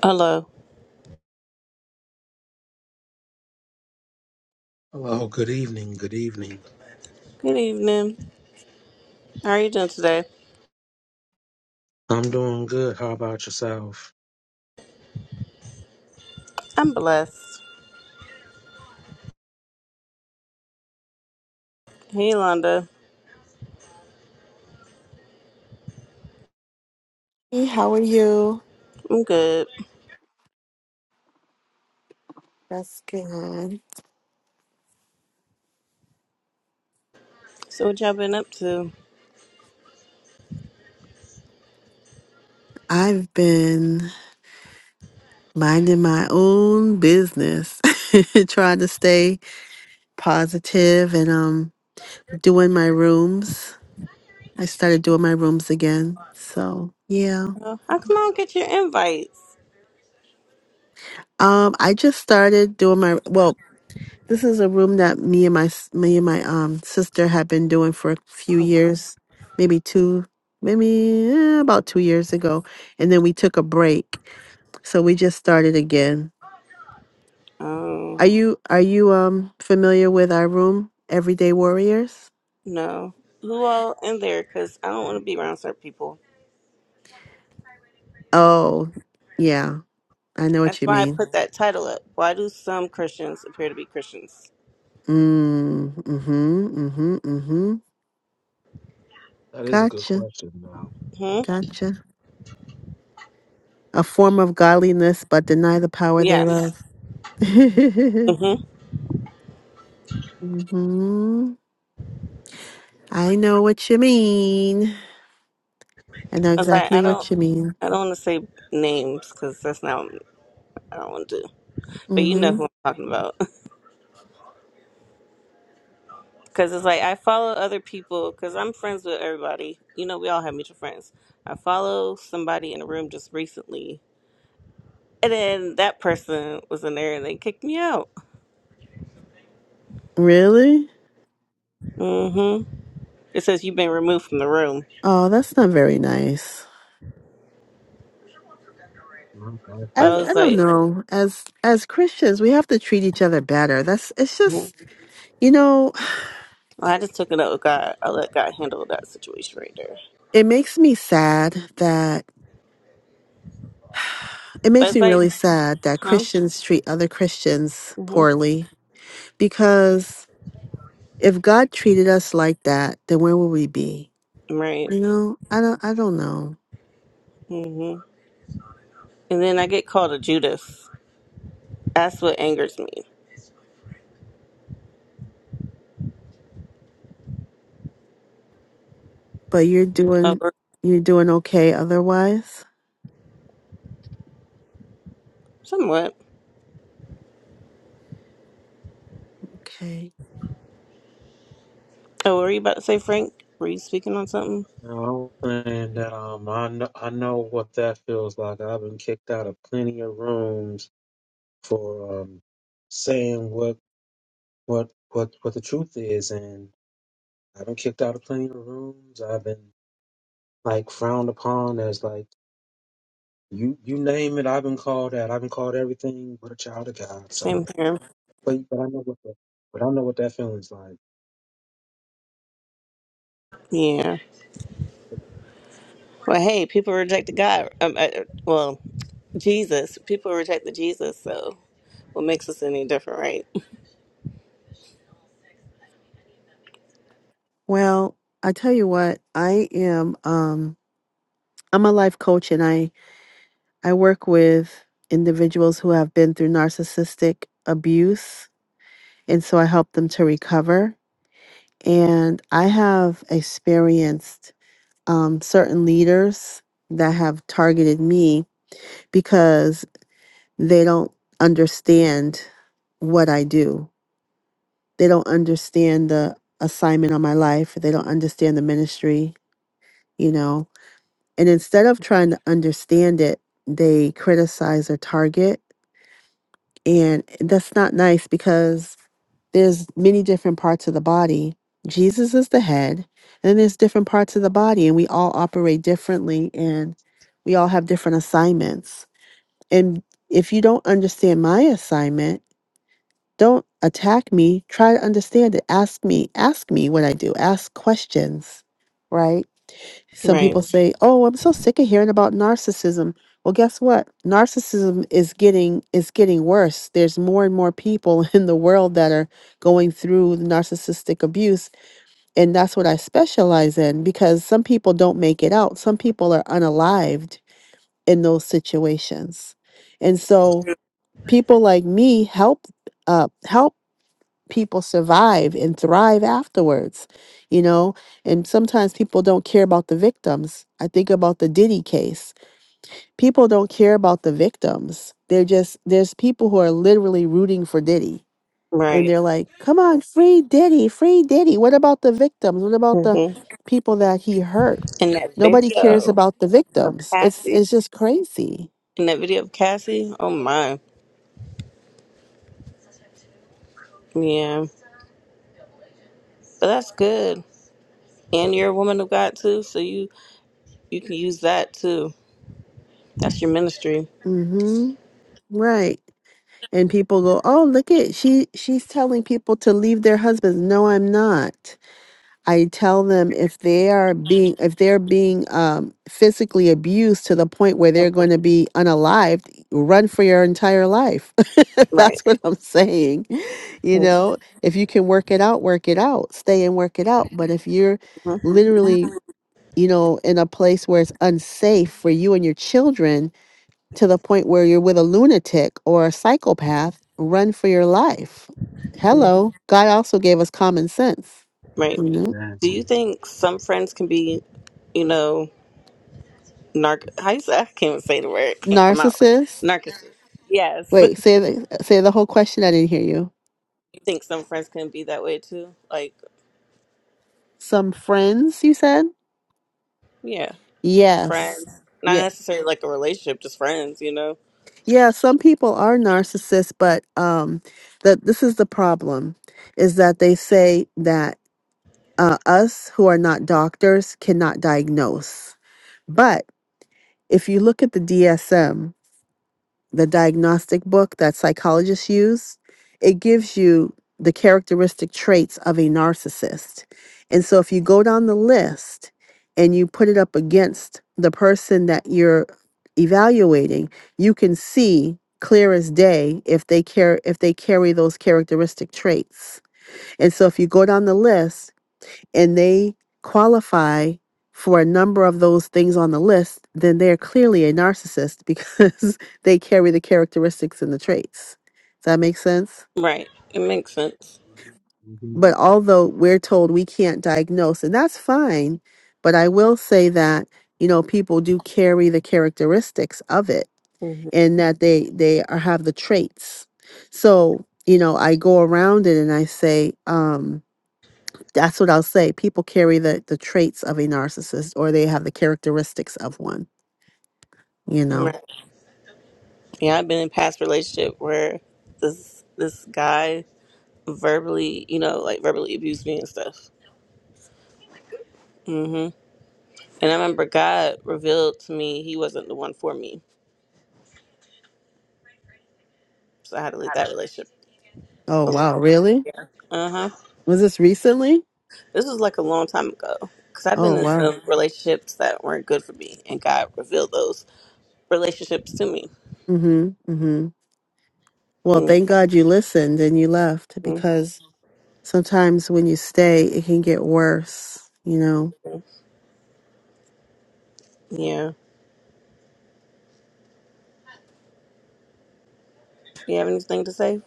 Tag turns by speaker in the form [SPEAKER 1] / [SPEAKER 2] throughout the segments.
[SPEAKER 1] Hello.
[SPEAKER 2] Hello, good evening, good evening.
[SPEAKER 1] Good evening. How are you doing today?
[SPEAKER 2] I'm doing good. How about yourself?
[SPEAKER 1] I'm blessed. Hey, Londa.
[SPEAKER 3] Hey, how are you?
[SPEAKER 1] I'm good.
[SPEAKER 3] That's good.
[SPEAKER 1] So, what y'all been up to?
[SPEAKER 3] I've been minding my own business, trying to stay positive and um doing my rooms. I started doing my rooms again. So, yeah.
[SPEAKER 1] Oh, how come I don't get your invites?
[SPEAKER 3] Um I just started doing my well, this is a room that me and my s- me and my um sister have been doing for a few years, maybe 2 maybe eh, about 2 years ago, and then we took a break. So we just started again
[SPEAKER 1] Oh,
[SPEAKER 3] Are you are you um familiar with our room, Everyday Warriors?
[SPEAKER 1] no. Who all in there? Because I don't want to be around certain people.
[SPEAKER 3] Oh, yeah, I know
[SPEAKER 1] That's
[SPEAKER 3] what you
[SPEAKER 1] why I
[SPEAKER 3] mean.
[SPEAKER 1] put that title up. Why do some Christians appear to be Christians?
[SPEAKER 3] Mm, mm-hmm, mm-hmm, mm-hmm.
[SPEAKER 2] That is a good
[SPEAKER 3] Gotcha,
[SPEAKER 2] question now.
[SPEAKER 1] Hmm?
[SPEAKER 3] gotcha. A form of godliness, but deny the power
[SPEAKER 1] Yes.
[SPEAKER 3] thereof.
[SPEAKER 1] Mm-hmm.
[SPEAKER 3] mm-hmm. I know what you mean. I know
[SPEAKER 1] I was like, I
[SPEAKER 3] exactly
[SPEAKER 1] don't,
[SPEAKER 3] what you mean.
[SPEAKER 1] I don't want to say names because that's not, I don't want to do. But you know
[SPEAKER 3] Mm-hmm.
[SPEAKER 1] who I'm talking about. Cause it's like I follow other people because I'm friends with everybody. You know, we all have mutual friends. I follow somebody in a room just recently, and then that person was in there and they kicked me out.
[SPEAKER 3] Really?
[SPEAKER 1] hmm It says you've been removed from the room.
[SPEAKER 3] Oh, that's not very nice.
[SPEAKER 2] I'm glad
[SPEAKER 1] But
[SPEAKER 2] for
[SPEAKER 3] as
[SPEAKER 1] I
[SPEAKER 2] that.
[SPEAKER 3] I
[SPEAKER 1] was
[SPEAKER 3] don't
[SPEAKER 1] like,
[SPEAKER 3] know, as as Christians, we have to treat each other better. That's it's
[SPEAKER 1] Mhm.
[SPEAKER 3] just you know,
[SPEAKER 1] well, I just took it up with God. I let God handle that situation right there.
[SPEAKER 3] it makes me sad that it
[SPEAKER 1] But
[SPEAKER 3] makes
[SPEAKER 1] it's
[SPEAKER 3] me
[SPEAKER 1] like,
[SPEAKER 3] really sad that
[SPEAKER 1] huh?
[SPEAKER 3] Christians treat other Christians
[SPEAKER 1] hmm
[SPEAKER 3] poorly because if God treated us like that, then where would we be?
[SPEAKER 1] Right.
[SPEAKER 3] You know, I don't I don't know.
[SPEAKER 1] hmm And then I get called a Judas. That's what angers me.
[SPEAKER 3] But you're
[SPEAKER 1] Oh,
[SPEAKER 3] doing
[SPEAKER 1] or-
[SPEAKER 3] you're doing okay otherwise.
[SPEAKER 1] somewhat.
[SPEAKER 3] Okay.
[SPEAKER 1] Oh, were you about to say, Frank? Were you speaking on something?
[SPEAKER 2] Now, I'm saying that um, I, know, I know what that feels like. I've been kicked out of plenty of rooms for um, saying what, what, what, what the truth is. And I've been kicked out of plenty of rooms. I've been like frowned upon as like, you, you name it. I've been called that. I've been called everything but a child of God. So,
[SPEAKER 1] Same here.
[SPEAKER 2] but, but I know what the, but I know what that feeling's like.
[SPEAKER 1] Yeah. Well, hey, people rejected God. Um, uh, well, Jesus. People rejected Jesus. So, what makes us any different, right?
[SPEAKER 3] Well, I tell you what, I am um I'm a life coach and I I work with individuals who have been through narcissistic abuse, and so I help them to recover. And I have experienced um, certain leaders that have targeted me because they don't understand what I do. They don't understand the assignment on my life. They don't understand the ministry, you know. And instead of trying to understand it, they criticize or target And that's not nice because there's many different parts of the body. Jesus is the head, and then there's different parts of the body, and we all operate differently and we all have different assignments. And if you don't understand my assignment, don't attack me. Try to understand it. Ask me. Ask me what I do. Ask questions, right? Some
[SPEAKER 1] Right.
[SPEAKER 3] people say, "Oh, I'm so sick of hearing about narcissism." Well, guess what? Narcissism is getting is getting worse. There's more and more people in the world that are going through narcissistic abuse, and that's what I specialize in because some people don't make it out. Some people are unalived in those situations. And so, people like me help uh, help people survive and thrive afterwards, you know? And sometimes people don't care about the victims. I think about the Diddy case. People don't care about the victims. They're just, there's people who are literally rooting for Diddy. And
[SPEAKER 1] Right.
[SPEAKER 3] they're like, come on, free Diddy, free Diddy. What about the victims? What about the
[SPEAKER 1] Mm-hmm.
[SPEAKER 3] people that he hurt?
[SPEAKER 1] And that
[SPEAKER 3] Nobody cares
[SPEAKER 1] video
[SPEAKER 3] about the
[SPEAKER 1] of
[SPEAKER 3] victims. It's
[SPEAKER 1] Cassie.
[SPEAKER 3] it's just crazy.
[SPEAKER 1] And that video of Cassie. Oh my. Yeah. But that's good. And you're a woman of God too, so you you can use that too. That's your ministry.
[SPEAKER 3] Mm-hmm. Right. and people go oh look at she she's telling people to leave their husbands no i'm not i tell them if they are being if they're being um, physically abused to the point where they're going to be unalived run for your entire life that's
[SPEAKER 1] Right.
[SPEAKER 3] what i'm saying you
[SPEAKER 1] hmm
[SPEAKER 3] know if you can work it out work it out stay and work it out but if you're literally you know in a place where it's unsafe for you and your children to the point where you're with a lunatic or a psychopath, run for your life. Hello. God also gave us common sense.
[SPEAKER 1] Right.
[SPEAKER 3] You know?
[SPEAKER 1] Do you
[SPEAKER 2] Exactly.
[SPEAKER 1] think some friends can be, you know? narc. How you say? I can't even say the word. It can't come out.
[SPEAKER 3] Narcissist.
[SPEAKER 1] Narcissist. Yes.
[SPEAKER 3] Wait, say the, say the whole question. I didn't hear you.
[SPEAKER 1] You think some friends can be that way too? Like,
[SPEAKER 3] Some friends, you said?
[SPEAKER 1] yeah,
[SPEAKER 3] Yes.
[SPEAKER 1] friends. Not
[SPEAKER 3] Yeah. Right.
[SPEAKER 1] necessarily like a relationship, just friends. You know.
[SPEAKER 3] Yeah, some people are narcissists, but um that this is the problem is that they say that uh, us who are not doctors cannot diagnose. But if you look at the DSM, the diagnostic book that psychologists use, it gives you the characteristic traits of a narcissist. And so if you go down the list and you put it up against the person that you're evaluating, you can see clear as day if they care if they carry those characteristic traits. And so if you go down the list and they qualify for a number of those things on the list, then they're clearly a narcissist because they carry the characteristics and the traits. Does that make sense?
[SPEAKER 1] Right. It makes sense.
[SPEAKER 2] hmm
[SPEAKER 3] But although we're told we can't diagnose, and that's fine, but I will say that, you know, people do carry the characteristics of it
[SPEAKER 1] hmm
[SPEAKER 3] and that they they are, have the traits. So, you know, I go around it and I say, um, that's what I'll say. People carry the the traits of a narcissist or they have the characteristics of one, you know.
[SPEAKER 1] Right. Yeah, I've been in past relationship where this this guy verbally, you know, like verbally abused me and stuff. hmm And I remember God revealed to me he wasn't the one for me, so I had to leave that relationship
[SPEAKER 3] Oh wow,
[SPEAKER 1] alone.
[SPEAKER 3] really?
[SPEAKER 1] Uh huh.
[SPEAKER 3] Was this recently?
[SPEAKER 1] This was like a long time ago because I've
[SPEAKER 3] Oh
[SPEAKER 1] been in
[SPEAKER 3] wow.
[SPEAKER 1] some relationships that weren't good for me, and God revealed those relationships to me.
[SPEAKER 3] Mhm. Mhm. Well, thank God you listened and you left
[SPEAKER 1] Mhm.
[SPEAKER 3] because sometimes when you stay, it can get worse, you know?
[SPEAKER 1] Yeah. You have anything to say,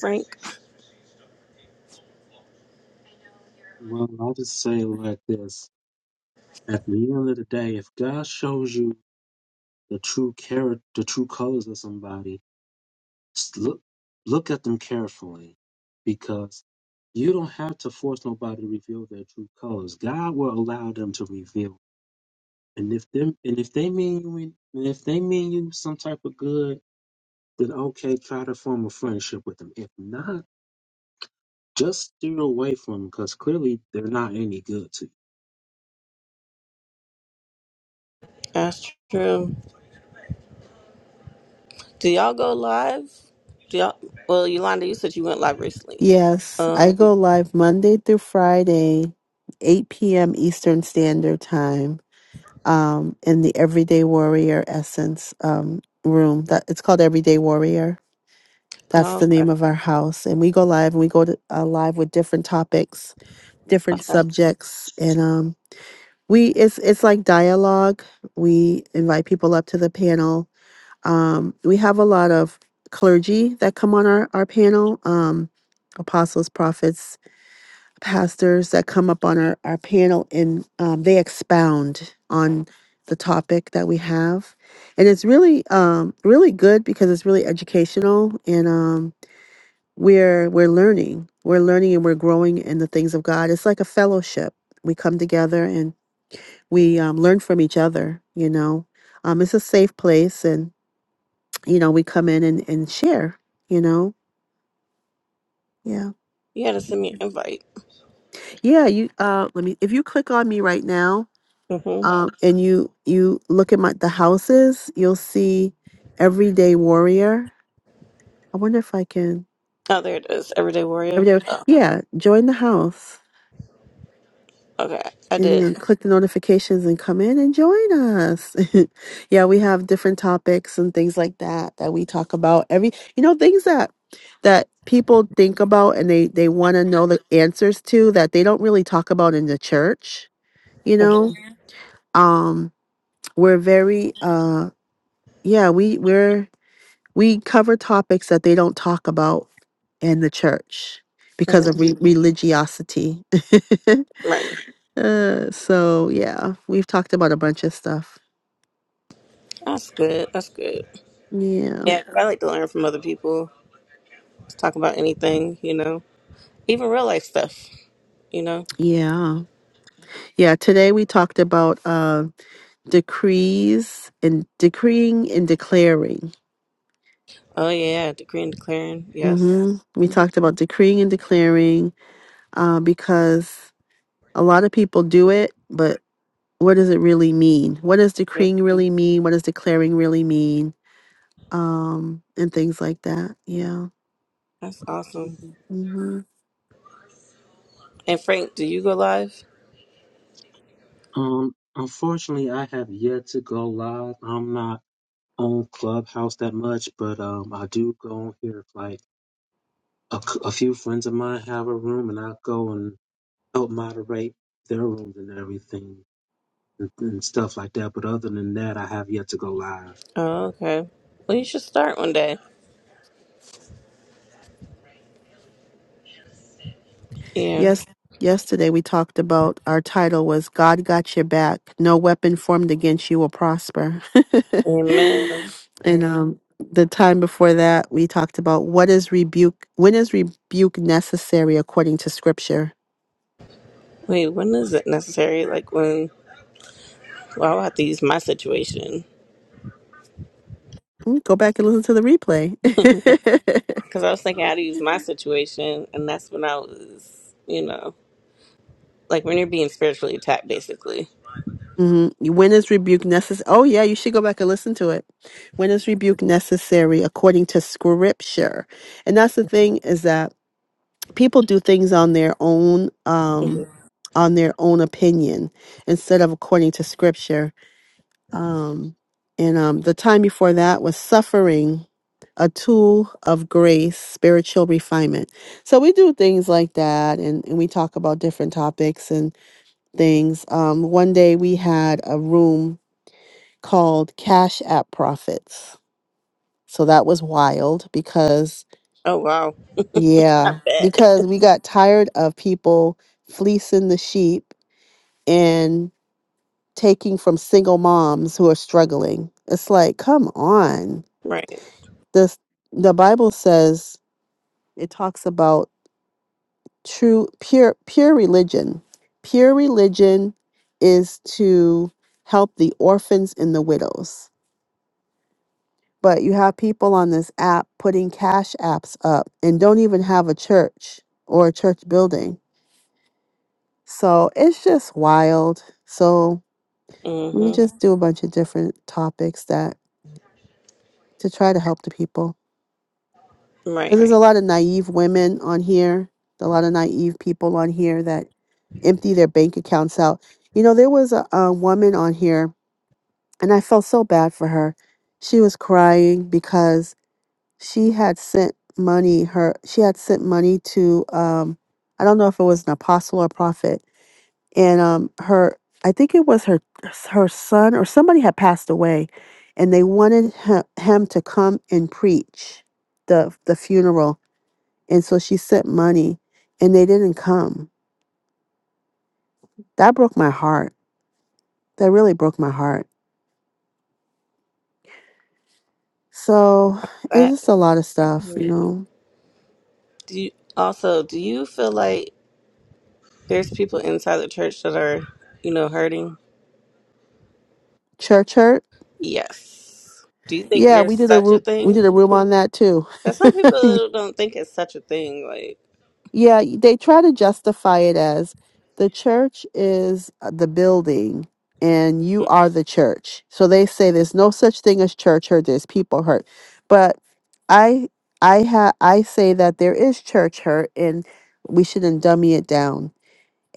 [SPEAKER 1] Frank?
[SPEAKER 2] Well, I just say it like this: at the end of the day, if God shows you the true character, the true colors of somebody, s- look look at them carefully, because you don't have to force nobody to reveal their true colors. God will allow them to reveal, and if them and if they mean you, in- and if they mean you some type of good, then okay, try to form a friendship with them. If not, just steer away from them because clearly they're not any good to you.
[SPEAKER 1] That's true. Do y'all go live? Do y'all? Well, Yolanda, you said you went live recently.
[SPEAKER 3] Yes, I
[SPEAKER 1] Um.
[SPEAKER 3] go live Monday through Friday, 8 p.m. Eastern Standard Time, um, in the Everyday Warrior Essence um, room. That It's called Everyday Warrior. That's
[SPEAKER 1] Oh,
[SPEAKER 3] the name
[SPEAKER 1] okay.
[SPEAKER 3] of our house. And we go live and we go to, uh, live with different topics, different
[SPEAKER 1] Okay.
[SPEAKER 3] subjects. And um, we it's, it's like dialogue. We invite people up to the panel Um, we have a lot of clergy that come on our, our panel, um, apostles, prophets, pastors that come up on our, our panel and um, they expound on the topic that we have. And it's really, um, really good because it's really educational and um, we're, we're learning. We're learning and we're growing in the things of God. It's like a fellowship. We come together and we um, learn from each other, you know. Um, it's a safe place and you know, we come in and, and share, you know? Yeah.
[SPEAKER 1] You had to send me an invite.
[SPEAKER 3] Yeah, you uh let me if you click on me right now,
[SPEAKER 1] Mm-hmm.
[SPEAKER 3] um and you you look at my the houses, you'll see Everyday Warrior. I wonder if I can
[SPEAKER 1] Oh, there it is. Everyday Warrior.
[SPEAKER 3] Everyday Yeah, join the house.
[SPEAKER 1] Okay, I
[SPEAKER 3] And
[SPEAKER 1] did.
[SPEAKER 3] then click the notifications and come in and join us. yeah, we have different topics and things like that that we talk about every, you know, things that that people think about and they they want to know the answers to that they don't really talk about in the church, you
[SPEAKER 1] hmm
[SPEAKER 3] know. Um we're very uh yeah, we we're we cover topics that they don't talk about in the church
[SPEAKER 1] hmm
[SPEAKER 3] because of re- religiosity.
[SPEAKER 1] Right.
[SPEAKER 3] uh, so yeah, we've talked about a bunch of stuff.
[SPEAKER 1] That's good. That's good.
[SPEAKER 3] Yeah,
[SPEAKER 1] Yeah, 'cause I like to learn from other people. talk about anything, you know, even real life stuff, you know.
[SPEAKER 3] yeah, yeah. Today we talked about uh, decrees and decreeing and declaring.
[SPEAKER 1] Oh yeah, decree and declaring, yes,
[SPEAKER 3] hmm We
[SPEAKER 1] hmm
[SPEAKER 3] talked about decreeing and declaring uh, because a lot of people do it, but what does it really mean? What does decreeing really mean? What does declaring really mean? um, and things like that. Yeah.
[SPEAKER 1] that's awesome.
[SPEAKER 3] hmm
[SPEAKER 1] And Frank, do you go live?
[SPEAKER 2] Um, unfortunately, I have yet to go live. I'm not on Clubhouse that much, but um, I do go on here. If, like a, c- a few friends of mine have a room, and I go and help moderate their rooms and everything and, and stuff like that. But other than that, I have yet to go live.
[SPEAKER 1] Oh, okay. Well, you should start one day. Yeah.
[SPEAKER 3] Yes. Yesterday we talked about our title was God got your back. No weapon formed against you will prosper.
[SPEAKER 1] Amen.
[SPEAKER 3] and um, the time before that we talked about what is rebuke. When is rebuke necessary according to Scripture?
[SPEAKER 1] Wait, when is it necessary? Like when? Well, I'll have to use my situation
[SPEAKER 3] Mm, Go back and listen to the replay.
[SPEAKER 1] because I was thinking how to use my situation, and that's when I was, you know, like when you're being spiritually attacked, basically.
[SPEAKER 3] hmm When is rebuke necessary? Oh, yeah, you should go back and listen to it. When is rebuke necessary according to scripture? And that's the thing is that people do things on their own, um, on their own opinion instead of according to scripture. Um, and um, the time before that was suffering, a tool of grace, spiritual refinement. So we do things like that, and, and we talk about different topics and things. Um, one day we had a room called Cash App Profits. So that was wild because,
[SPEAKER 1] Oh wow, I
[SPEAKER 3] yeah,
[SPEAKER 1] bet.
[SPEAKER 3] because we got tired of people fleecing the sheep and taking from single moms who are struggling. It's like, come on.
[SPEAKER 1] Right.
[SPEAKER 3] This the Bible says it talks about true pure pure religion. Pure religion is to help the orphans and the widows. But you have people on this app putting cash apps up and don't even have a church or a church building. So it's just wild. So we
[SPEAKER 1] Mm-hmm.
[SPEAKER 3] just do a bunch of different topics that to try to help the people. Because there's a
[SPEAKER 1] Right.
[SPEAKER 3] Right. lot of naive women on here, a lot of naive people on here that empty their bank accounts out. You know, there was a, a woman on here, and I felt so bad for her. She was crying because she had sent money her she had sent money to um i don't know if it was an apostle or prophet and um her i think it was her her son or somebody had passed away and they wanted him, him to come and preach the the funeral and so she sent money and they didn't come that broke my heart that really broke my heart so it's just a lot of stuff you
[SPEAKER 1] Mm.
[SPEAKER 3] know
[SPEAKER 1] Do you, also, do you feel like there's people inside the church that are, you know, hurting?
[SPEAKER 3] church hurt
[SPEAKER 1] Yes. Do you think
[SPEAKER 3] yeah we
[SPEAKER 1] there's
[SPEAKER 3] did a
[SPEAKER 1] such a
[SPEAKER 3] room we did
[SPEAKER 1] thing?
[SPEAKER 3] a room on that too
[SPEAKER 1] Because some people don't think it's such a thing. Like,
[SPEAKER 3] Yeah, they try to justify it as the church is uh, the building and you are the church. So they say there's no such thing as church hurt, there's people hurt. But I I ha I say that there is church hurt and we shouldn't dummy it down.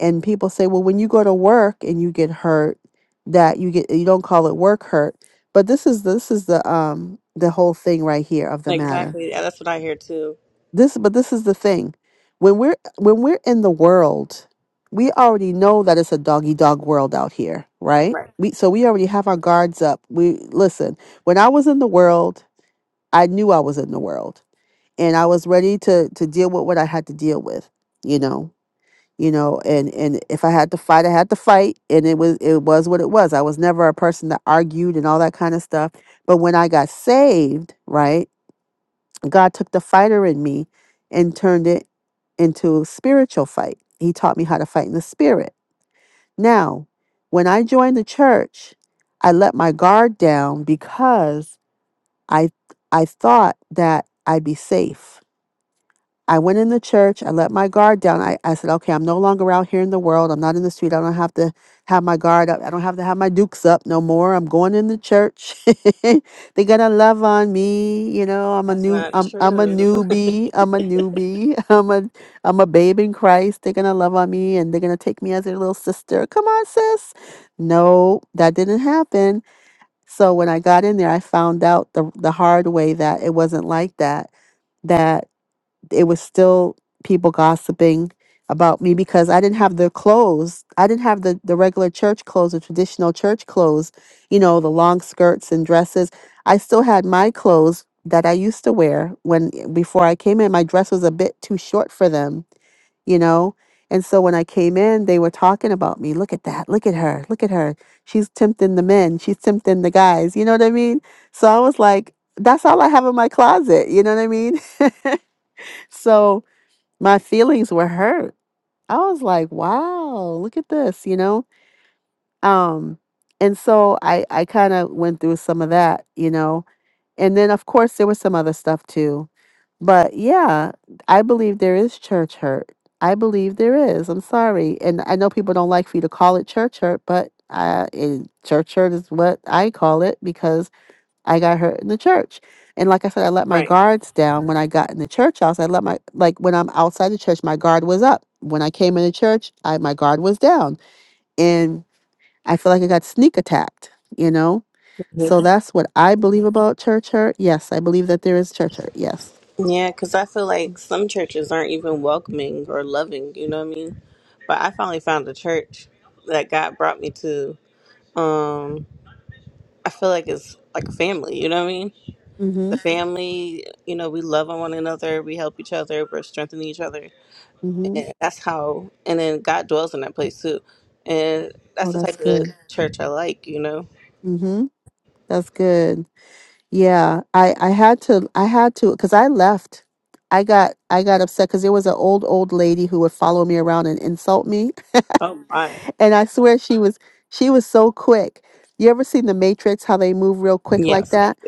[SPEAKER 3] And people say, well, when you go to work and you get hurt, that you get you don't call it work hurt. But this is this is the um the whole thing right here of the
[SPEAKER 1] mm,
[SPEAKER 3] matter
[SPEAKER 1] exactly. Yeah, that's what I hear too.
[SPEAKER 3] this but this is the thing. When we're when we're in the world, we already know that it's a doggy dog world out here, right?
[SPEAKER 1] Right.
[SPEAKER 3] We so we already have our guards up. We listen, when I was in the world, I knew I was in the world. And I was ready to to deal with what I had to deal with, you know. You know, and and if I had to fight, I had to fight, and it was it was what it was. I was never a person that argued and all that kind of stuff. But when I got saved, right? God took the fighter in me and turned it into a spiritual fight. He taught me how to fight in the spirit. Now, when I joined the church, I let my guard down because I I thought that I'd be safe. I went in the church. I let my guard down. I, I said, okay, I'm no longer out here in the world. I'm not in the street. I don't have to have my guard up. I don't have to have my dukes up no more. I'm going in the church. They're gonna love on me. You know, I'm a
[SPEAKER 1] That's
[SPEAKER 3] new
[SPEAKER 1] not
[SPEAKER 3] I'm I'm a
[SPEAKER 1] true.
[SPEAKER 3] newbie. I'm a newbie. I'm a I'm a babe in Christ. They're gonna love on me and they're gonna take me as their little sister. Come on, sis. No, that didn't happen. So when I got in there, I found out the the hard way that it wasn't like that. That it was still people gossiping about me because I didn't have the clothes. I didn't have the, the regular church clothes, the traditional church clothes, you know, the long skirts and dresses. I still had my clothes that I used to wear when before I came in. My dress was a bit too short for them, you know. And so when I came in, they were talking about me. Look at that. Look at her. Look at her. She's tempting the men. She's tempting the guys. You know what I mean? So I was like, that's all I have in my closet. You know what I mean? so my feelings were hurt. I was like, wow, look at this, you know? Um, and so I, I kind of went through some of that, you know? And then, of course, there was some other stuff too. But yeah, I believe there is church hurt. I believe there is. I'm sorry. And I know people don't like for you to call it church hurt, but I, it, church hurt is what I call it because I got hurt in the church. And like I said, I let my
[SPEAKER 1] right.
[SPEAKER 3] guards down when I got in the church house. I let my like when I'm outside the church, my guard was up. When I came in the church, I my guard was down. And I feel like I got sneak attacked, you know?
[SPEAKER 1] Mhm.
[SPEAKER 3] So that's what I believe about church hurt. Yes, I believe that there is church hurt. Yes.
[SPEAKER 1] Yeah, because I feel like some churches aren't even welcoming or loving. You know what I mean? But I finally found a church that God brought me to. Um, I feel like it's like a family. You know what I mean?
[SPEAKER 3] Mm-hmm.
[SPEAKER 1] the family, you know, we love on one another, we help each other, we're strengthening each other.
[SPEAKER 3] Mm-hmm.
[SPEAKER 1] And that's how, and then God dwells in that place too. And
[SPEAKER 3] Oh,
[SPEAKER 1] that's the
[SPEAKER 3] that's
[SPEAKER 1] type of
[SPEAKER 3] good.
[SPEAKER 1] church I like, you know.
[SPEAKER 3] Mm-hmm. That's good. Yeah. I I had to I had to because I left. I got I got upset because there was an old old lady who would follow me around and insult me
[SPEAKER 1] Oh, my.
[SPEAKER 3] And I swear she was she was so quick. You ever seen the Matrix how they move real quick like
[SPEAKER 1] Yes.
[SPEAKER 3] that?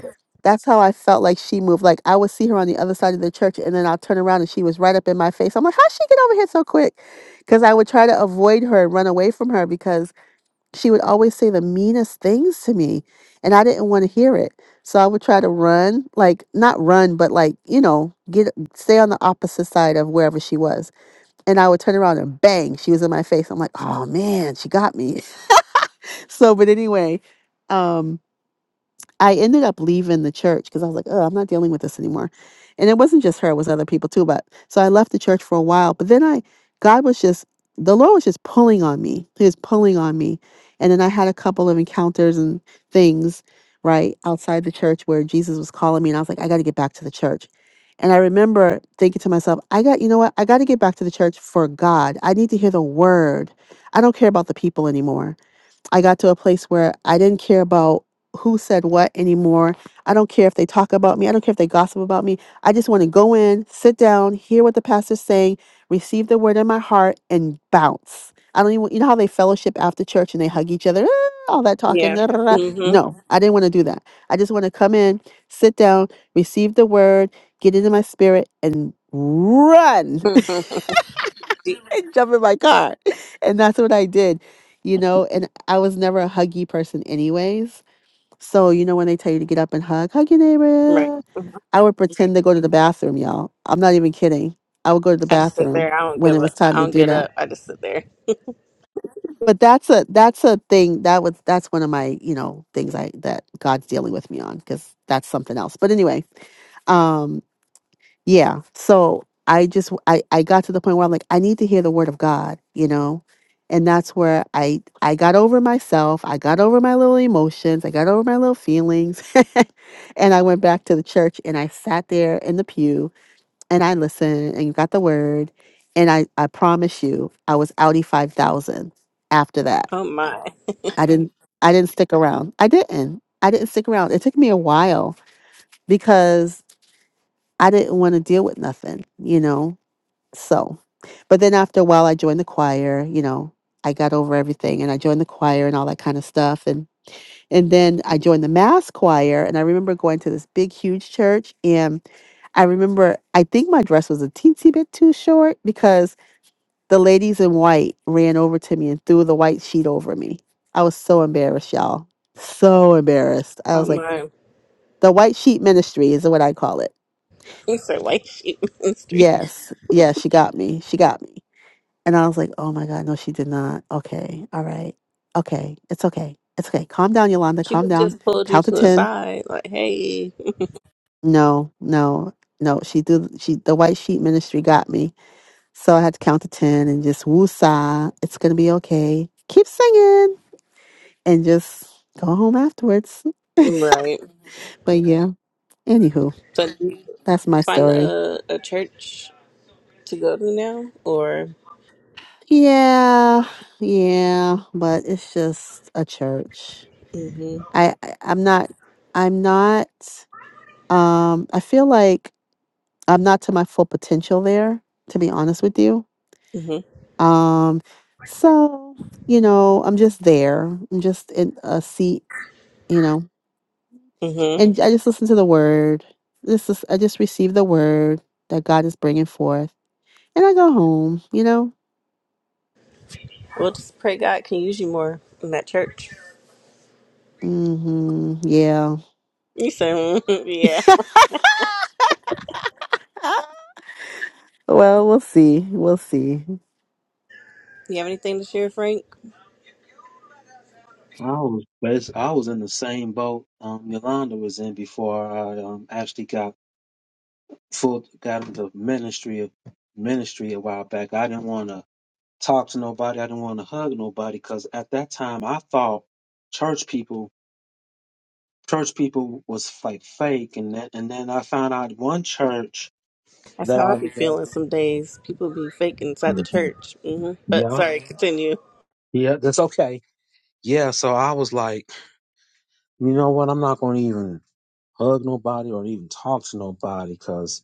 [SPEAKER 3] That's how I felt like she moved. Like I would see her on the other side of the church and then I'll turn around and she was right up in my face. I'm like, how'd she get over here so quick? Because I would try to avoid her and run away from her because she would always say the meanest things to me and I didn't want to hear it. So I would try to run, like not run, but like, you know, get stay on the opposite side of wherever she was. And I would turn around and bang, she was in my face. I'm like, oh man, she got me so, but anyway, um, I ended up leaving the church because I was like, oh, I'm not dealing with this anymore. And it wasn't just her, it was other people too. But so I left the church for a while. But then I, God was just, the Lord was just pulling on me. He was pulling on me. And then I had a couple of encounters and things, right, outside the church where Jesus was calling me. And I was like, I got to get back to the church. And I remember thinking to myself, I got, you know what? I got to get back to the church for God. I need to hear the word. I don't care about the people anymore I got to a place where I didn't care about who said what anymore. I don't care if they talk about me. I don't care if they gossip about me. I just want to go in, sit down, hear what the pastor's saying, receive the word in my heart, and bounce. I don't even, you know how they fellowship after church and they hug each other, "Ah," all that talking.
[SPEAKER 1] Yeah.
[SPEAKER 3] da, da, da, da.
[SPEAKER 1] Mm-hmm.
[SPEAKER 3] No, I didn't want to do that. I just want to come in, sit down, receive the word, get into my spirit, and run and jump in my car. And that's what I did, you know. And I was never a huggy person, anyways. So, you know, when they tell you to get up and hug, hug your
[SPEAKER 1] right.
[SPEAKER 3] neighbor, I would pretend to go to the bathroom, y'all. I'm not even kidding. I would go to the
[SPEAKER 1] I just sit
[SPEAKER 3] bathroom
[SPEAKER 1] there. I don't
[SPEAKER 3] when
[SPEAKER 1] give
[SPEAKER 3] it was
[SPEAKER 1] up. I
[SPEAKER 3] time to
[SPEAKER 1] don't
[SPEAKER 3] do
[SPEAKER 1] get
[SPEAKER 3] that.
[SPEAKER 1] up. I just sit there.
[SPEAKER 3] But that's a that's a thing that was that's one of my you know things I that God's dealing with me on because that's something else. But anyway, um, yeah so i just I, I got to the point where i'm like i need to hear the word of god you know and that's where i i got over myself i got over my little emotions i got over my little feelings and i went back to the church and i sat there in the pew and i listened and got the word and i i promise you i was outie 5000 after that
[SPEAKER 1] Oh, my.
[SPEAKER 3] i didn't i didn't stick around i didn't i didn't stick around it took me a while because i didn't want to deal with nothing you know so, but then after a while, I joined the choir. You know, I got over everything, and I joined the choir and all that kind of stuff. And and then I joined the mass choir, and I remember going to this big, huge church. And I remember, I think my dress was a teensy bit too short because the ladies in white ran over to me and threw the white sheet over me. I was so embarrassed, y'all. So embarrassed. I was
[SPEAKER 1] Oh,
[SPEAKER 3] like,
[SPEAKER 1] my.
[SPEAKER 3] the white sheet ministry is what I call it.
[SPEAKER 1] It's her white sheep ministry.
[SPEAKER 3] Yes, yes, she got me. She got me. And I was like, oh my God, no, she did not. Okay. All right. Okay. It's okay. It's okay. Calm down, Yolanda.
[SPEAKER 1] She
[SPEAKER 3] Calm
[SPEAKER 1] could
[SPEAKER 3] down.
[SPEAKER 1] just pulled you
[SPEAKER 3] Count to
[SPEAKER 1] to the
[SPEAKER 3] 10.
[SPEAKER 1] side, like, hey.
[SPEAKER 3] No, no, no. She did. She, the white sheet ministry got me. So I had to count to 10 and just woosah. It's going to be okay. Keep singing and just go home afterwards.
[SPEAKER 1] Right.
[SPEAKER 3] But yeah, anywho,
[SPEAKER 1] So, did you did
[SPEAKER 3] that's
[SPEAKER 1] you
[SPEAKER 3] my
[SPEAKER 1] find
[SPEAKER 3] story.
[SPEAKER 1] a, a church to go to now, or
[SPEAKER 3] Yeah. Yeah. But it's just a church.
[SPEAKER 1] mm-hmm,
[SPEAKER 3] I, I I'm not, I'm not Um, I feel like I'm not to my full potential there, to be honest with you.
[SPEAKER 1] mm-hmm,
[SPEAKER 3] Um, so, you know, I'm just there. I'm just in a seat, you know,
[SPEAKER 1] mm-hmm.
[SPEAKER 3] and I just listen to the word. This is, I just receive the word that God is bringing forth, and I go home, you know.
[SPEAKER 1] We'll just pray God can use you more in that church.
[SPEAKER 3] hmm Yeah.
[SPEAKER 1] You say, mhm, yeah.
[SPEAKER 3] well, we'll see. We'll see.
[SPEAKER 1] You have anything to share, Frank?
[SPEAKER 2] I was, bas- I was in the same boat um, Yolanda was in before I um, actually got full got into ministry ministry a while back. I didn't want to talk to nobody. I didn't want to hug nobody because at that time I thought church people church people was like fake, and then, and then I found out one church
[SPEAKER 1] That's
[SPEAKER 2] that
[SPEAKER 1] how
[SPEAKER 2] I
[SPEAKER 1] I
[SPEAKER 2] was
[SPEAKER 1] be
[SPEAKER 2] at.
[SPEAKER 1] feeling some days. People be fake inside the church. hmm But
[SPEAKER 2] Yeah,
[SPEAKER 1] sorry, continue.
[SPEAKER 2] yeah, that's okay. Yeah, so I was like, you know what? I'm not going to even hug nobody or even talk to nobody because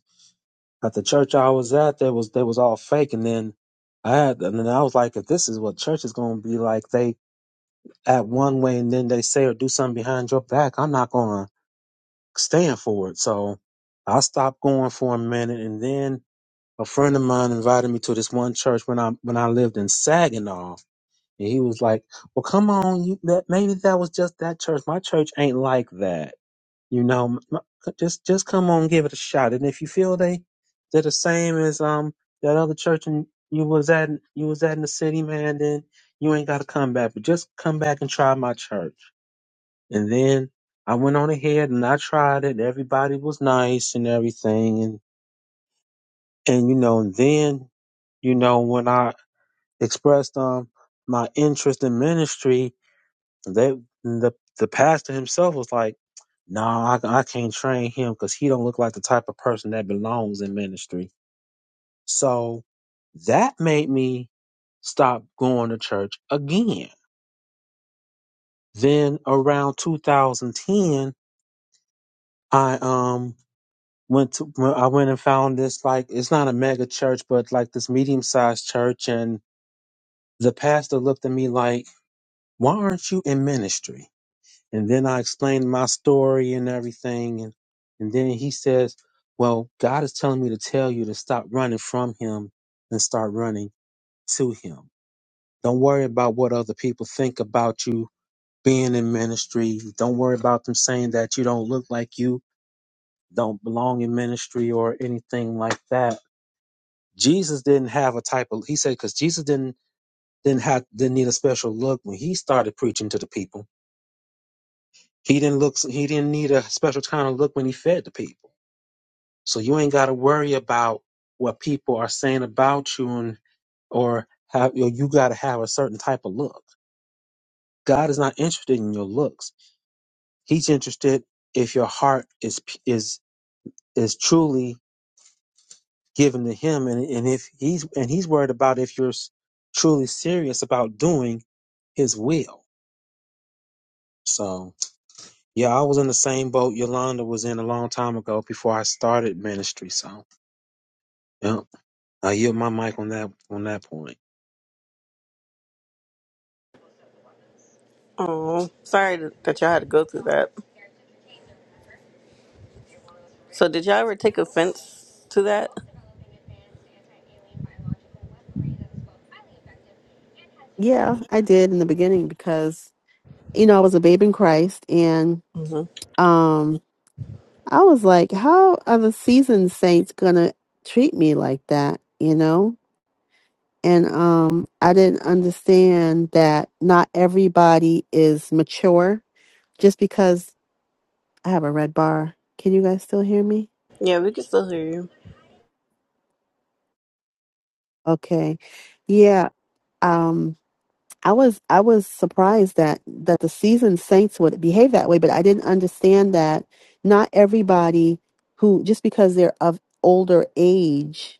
[SPEAKER 2] at the church I was at, there was they was all fake, and then I had, and then I was like, if this is what church is going to be like, they act one way and then they say or do something behind your back, I'm not going to stand for it. So I stopped going for a minute, and then a friend of mine invited me to this one church when I when I lived in Saginaw, and he was like, "Well, come on, you, that maybe that was just that church. My church ain't like that, you know. m- m- Just just come on, give it a shot, and if you feel they they're the same as um that other church and you was at you was at in the city, man, then you ain't got to come back, but just come back and try my church." And then I went on ahead and I tried it. Everybody was nice and everything. And, and you know, and then, you know, when I expressed um my interest in ministry, they the the pastor himself was like, "No, I, I can't train him because he don't look like the type of person that belongs in ministry." So that made me stop going to church again. Then around 2010, I um went to when I went and found this like it's not a mega church, but like this medium sized church, and the pastor looked at me like, "Why aren't you in ministry?" And then I explained my story and everything, and and then he says, "Well, God is telling me to tell you to stop running from Him and start running to Him. Don't worry about what other people think about you." Being in ministry, don't worry about them saying that you don't look like you don't belong in ministry or anything like that Jesus didn't have a type of he said because Jesus didn't didn't have didn't need a special look when he started preaching to the people. He didn't look he didn't need a special kind of look when he fed the people. So you ain't got to worry about what people are saying about you and or have you, know, you got to have a certain type of look. God is not interested in your looks. He's interested if your heart is p- is is truly given to him and and if he's and he's worried about if you're s- truly serious about doing his will So yeah, I was in the same boat Yolanda was in a long time ago before I started ministry. So yeah, I yield my mic on that on that point.
[SPEAKER 1] Oh, sorry that y'all had to go through that. So, did y'all ever take offense to that?
[SPEAKER 3] Yeah, I did in the beginning because, you know, I was a babe in Christ and
[SPEAKER 1] hmm
[SPEAKER 3] um. I was like, how are the seasoned saints gonna treat me like that? You know? And um I didn't understand that not everybody is mature just because I have a red bar. Can you guys still hear me?
[SPEAKER 1] Yeah, we can still hear you.
[SPEAKER 3] Okay. Yeah. Um I was I was surprised that that the seasoned saints would behave that way, but I didn't understand that not everybody who just because they're of older age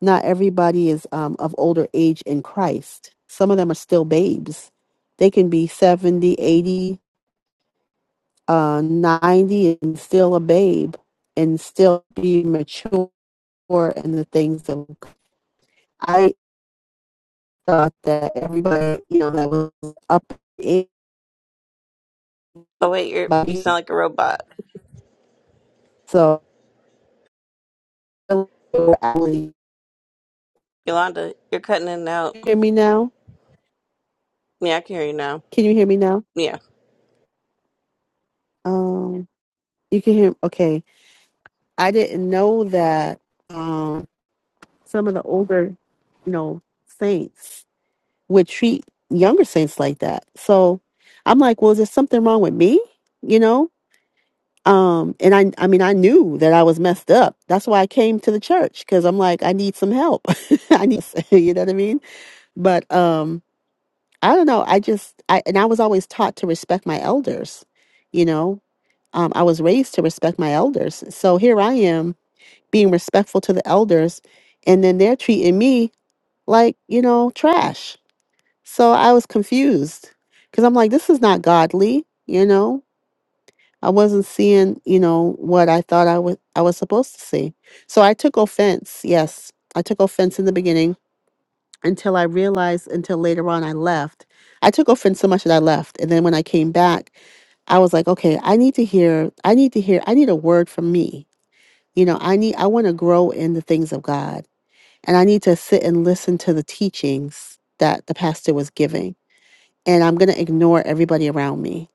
[SPEAKER 3] Not everybody is um, of older age in Christ. Some of them are still babes. They can be 70, eighty, uh, 90, and still a babe and still be mature in the things of I thought that everybody, you know, that was up in
[SPEAKER 1] Oh wait, you're, you sound
[SPEAKER 3] body.
[SPEAKER 1] like a robot.
[SPEAKER 3] So, can you
[SPEAKER 1] Yolanda, you're cutting in and out.
[SPEAKER 3] hear me now?
[SPEAKER 1] Yeah, I can hear you now.
[SPEAKER 3] Can you hear me now?
[SPEAKER 1] Yeah.
[SPEAKER 3] Um, you can hear, okay. I didn't know that um, some of the older, you know, saints would treat younger saints like that. So I'm like, well, is there something wrong with me? You know? Um, and I I mean I knew that I was messed up. That's why I came to the church because I'm like, I need some help. I need you know what I mean? But um I don't know. I just I and I was always taught to respect my elders, you know. Um, I was raised to respect my elders. So here I am being respectful to the elders and then they're treating me like, you know, trash. So I was confused because I'm like, this is not godly, you know? I wasn't seeing, you know, what I thought I was I was supposed to see. So I took offense. Yes, I took offense in the beginning until I realized until later on I left. I took offense so much that I left. And then when I came back, I was like, okay, I need to hear I need to hear I need a word from me. You know, I need I want to grow in the things of God and I need to sit and listen to the teachings that the pastor was giving. And I'm going to ignore everybody around me.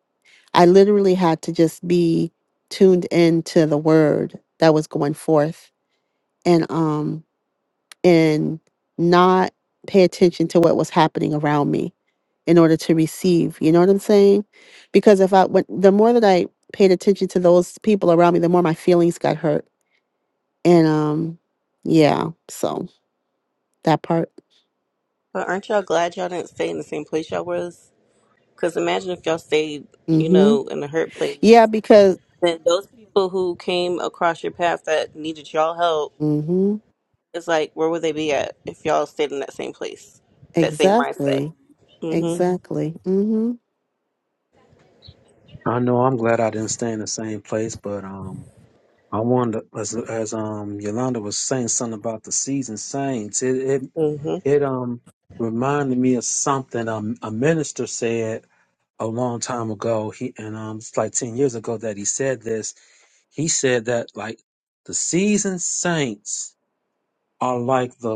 [SPEAKER 3] I literally had to just be tuned into the word that was going forth and um and not pay attention to what was happening around me in order to receive, you know what I'm saying? Because if I when, the more that I paid attention to those people around me, the more my feelings got hurt. And um yeah, so that part.
[SPEAKER 1] But aren't y'all glad y'all didn't stay in the same place y'all was? Because imagine if y'all stayed, you
[SPEAKER 3] Mhm.
[SPEAKER 1] know, in the hurt
[SPEAKER 3] Yeah,
[SPEAKER 1] place.
[SPEAKER 3] because
[SPEAKER 1] Then those people who came across your path that needed y'all help,
[SPEAKER 3] Mm-hmm.
[SPEAKER 1] it's like, where would they be at if y'all stayed in that same place? That same mindset.
[SPEAKER 3] Exactly.
[SPEAKER 1] Mm-hmm.
[SPEAKER 3] Exactly. Mm-hmm.
[SPEAKER 2] I know I'm glad I didn't stay in the same place, but um, I wonder as as um Yolanda was saying something about the seasoned saints. It it
[SPEAKER 1] Mm-hmm.
[SPEAKER 2] it um reminded me of something um a minister said a long time ago. He and um it's like ten years ago that he said this. He said that like the seasoned saints are like the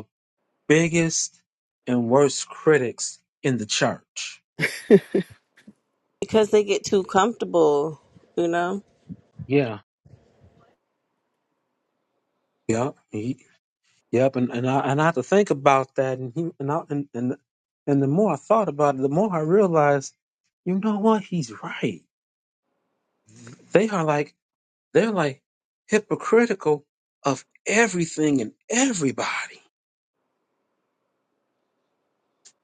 [SPEAKER 2] biggest and worst critics in the church.
[SPEAKER 1] Because they get too comfortable, you know?
[SPEAKER 2] Yeah. Yep. He, yep. And and I and I had to think about that. And he and I, and and and the more I thought about it, the more I realized, you know what? He's right. They are like they're like hypocritical of everything and everybody.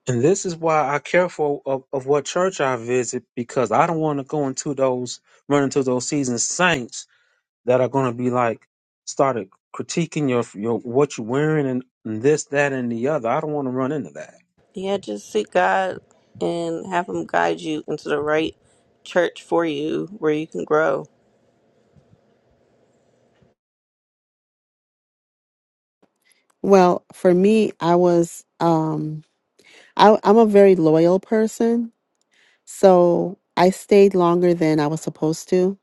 [SPEAKER 2] And this is why I careful of, of what church I visit because I don't want to go into those run into those seasoned saints that are going to be like started critiquing your your what you're wearing and and this that and the other. I don't want to run into that.
[SPEAKER 1] Yeah, just seek God and have Him guide you into the right church for you where you can grow
[SPEAKER 3] Well, for me, I was um I, I'm a very loyal person, so I stayed longer than I was supposed to.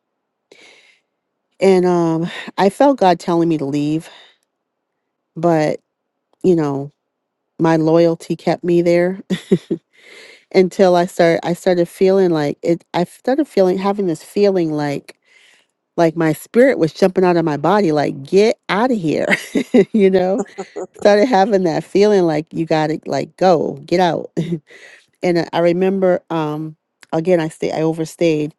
[SPEAKER 3] And um I felt God telling me to leave, but you know, my loyalty kept me there until I started I started feeling like it I started feeling having this feeling like like my spirit was jumping out of my body like get out of here, you know? started having that feeling like you gotta like go get out and i I remember um again i stay i overstayed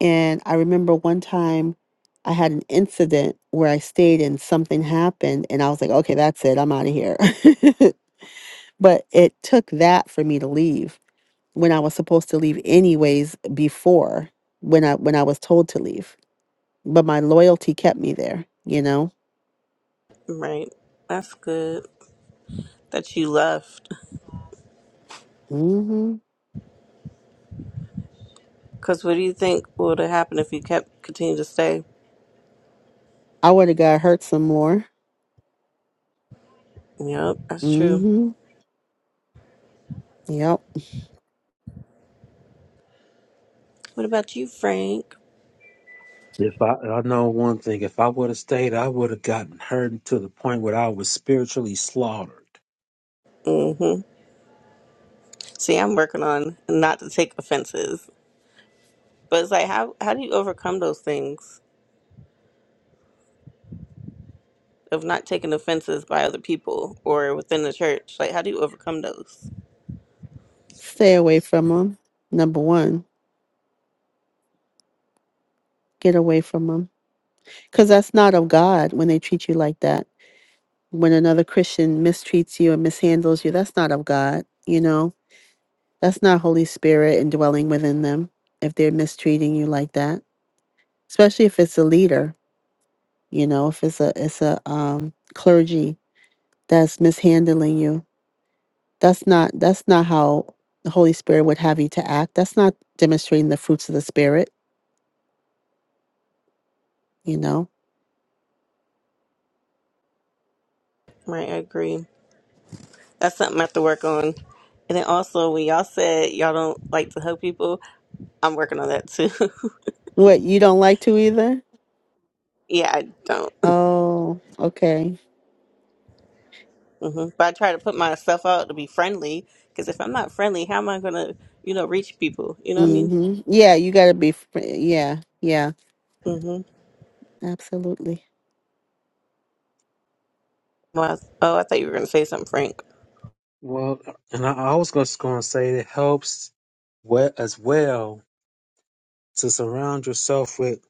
[SPEAKER 3] and i remember one time i had an incident where i stayed and something happened and i was like okay that's it i'm out of here but it took that for me to leave when i was supposed to leave anyways before when i when i was told to leave but my loyalty kept me there you know
[SPEAKER 1] Right. That's good that you left.
[SPEAKER 3] hmm
[SPEAKER 1] Because what do you think would have happened if you kept continued to stay?
[SPEAKER 3] i would have got hurt some more
[SPEAKER 1] Yep, that's true.
[SPEAKER 3] hmm yep
[SPEAKER 1] What about you, Frank?
[SPEAKER 2] If I I know one thing, if I would have stayed, I would have gotten hurt to the point where I was spiritually slaughtered.
[SPEAKER 1] Mm-hmm. See, I'm working on not to take offenses. But it's like, how, how do you overcome those things of not taking offenses by other people or within the church? Like, how do you overcome those?
[SPEAKER 3] Stay away from them. Number one, get away from them. Because that's not of God when they treat you like that. When another Christian mistreats you and mishandles you, that's not of God. You know, that's not Holy Spirit and dwelling within them if they're mistreating you like that. Especially if it's a leader, you know, if it's a it's a um, clergy that's mishandling you. That's not that's not how the Holy Spirit would have you to act. That's not demonstrating the fruits of the Spirit. you know?
[SPEAKER 1] Right, I agree. That's something I have to work on. And then also, when y'all said y'all don't like to hug people, I'm working on that too.
[SPEAKER 3] What, you don't like to either?
[SPEAKER 1] yeah, I don't.
[SPEAKER 3] Oh, okay.
[SPEAKER 1] hmm But I try to put myself out to be friendly because if I'm not friendly, how am I gonna, you know, reach people? You know what I mean?
[SPEAKER 3] Mm-hmm. Yeah, you got to be, fr- yeah, yeah,
[SPEAKER 1] hmm
[SPEAKER 3] absolutely.
[SPEAKER 1] Well, I, oh, I thought you were gonna say something, Frank.
[SPEAKER 2] Well, and I, I was just going to say it helps we- as well to surround yourself with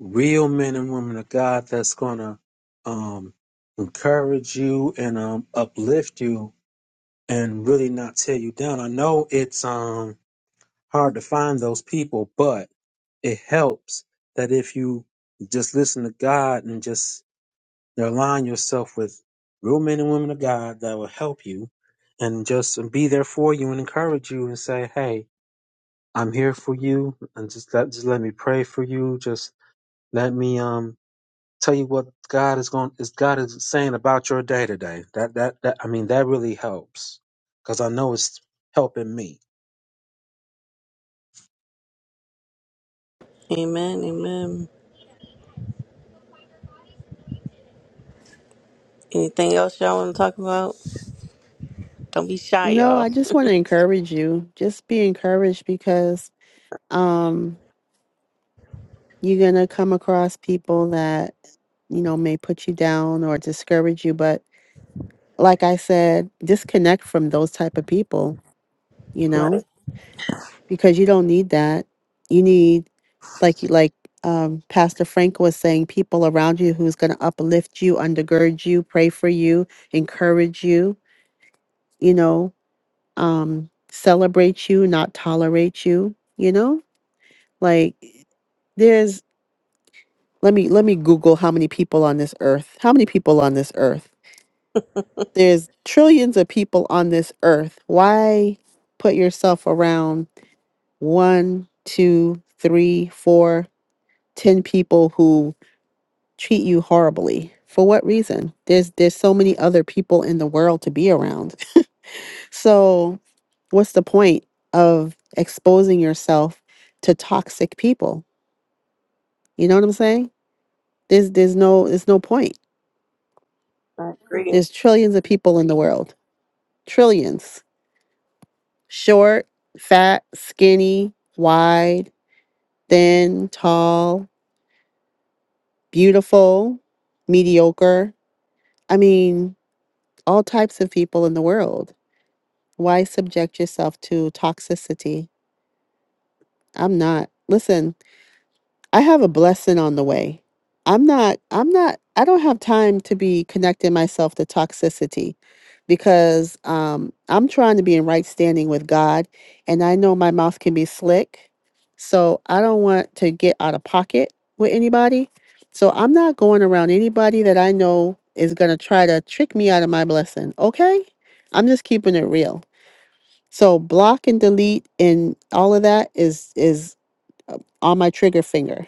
[SPEAKER 2] real men and women of God that's going to um, encourage you and um, uplift you and really not tear you down. I know it's um hard to find those people, but it helps that if you just listen to God and just align yourself with real men and women of God that will help you and just be there for you and encourage you and say, Hey, I'm here for you and just let just let me pray for you. Just let me um tell you what God is going is God is saying about your day today. That that that I mean that really helps because I know it's helping me.
[SPEAKER 1] Amen, amen. Anything else y'all want to talk about? Don't be shy,
[SPEAKER 3] No, I
[SPEAKER 1] y'all.
[SPEAKER 3] just want to encourage you. Just be encouraged because um, you're going to come across people that, you know, may put you down or discourage you. But like I said, disconnect from those type of people. you know,
[SPEAKER 1] Right.
[SPEAKER 3] because you don't need that. You need like you like um, Pastor Frank was saying, people around you who's going to uplift you, undergird you, pray for you, encourage you, you know, um, celebrate you, not tolerate you, you know, like there's let me let me google how many people on this earth how many people on this earth there's trillions of people on this earth why put yourself around one two three four 10 people who treat you horribly for what reason there's there's so many other people in the world to be around so what's the point of exposing yourself to toxic people you know what i'm saying there's there's no there's no point
[SPEAKER 1] I agree.
[SPEAKER 3] there's trillions of people in the world trillions short fat skinny wide thin tall beautiful mediocre i mean all types of people in the world Why subject yourself to toxicity? I'm not. Listen, I have a blessing on the way. I'm not, I'm not, I don't have time to be connecting myself to toxicity because um, I'm trying to be in right standing with God. And I know my mouth can be slick. So I don't want to get out of pocket with anybody. So I'm not going around anybody that I know is going to try to trick me out of my blessing. Okay. I'm just keeping it real. So block and delete and all of that is is uh, on my trigger finger.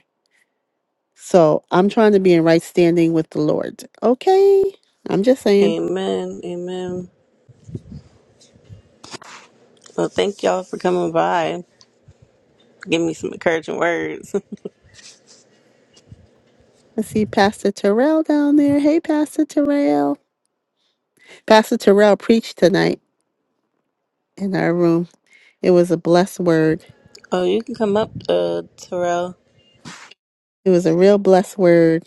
[SPEAKER 3] So I'm trying to be in right standing with the Lord. Okay, I'm just saying.
[SPEAKER 1] Amen, amen. Well, thank y'all for coming by. Give me some encouraging words.
[SPEAKER 3] I see Pastor Terrell down there. Hey, Pastor Terrell. Pastor Terrell preached tonight in our room. It was a blessed word.
[SPEAKER 1] oh, you can come up, uh, Terrell.
[SPEAKER 3] It was a real blessed word.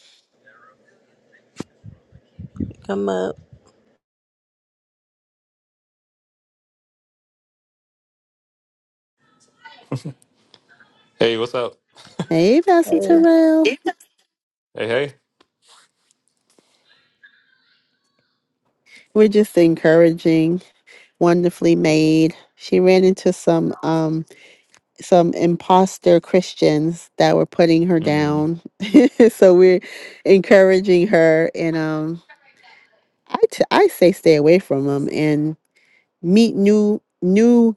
[SPEAKER 1] Come up.
[SPEAKER 4] Hey, what's up?
[SPEAKER 3] Hey, Pastor Terrell.
[SPEAKER 4] Hey, hey.
[SPEAKER 3] We're just encouraging. Wonderfully made. She ran into some um some imposter Christians that were putting her
[SPEAKER 4] Mhm.
[SPEAKER 3] down. so we're encouraging her and um I t- I say stay away from them and meet new new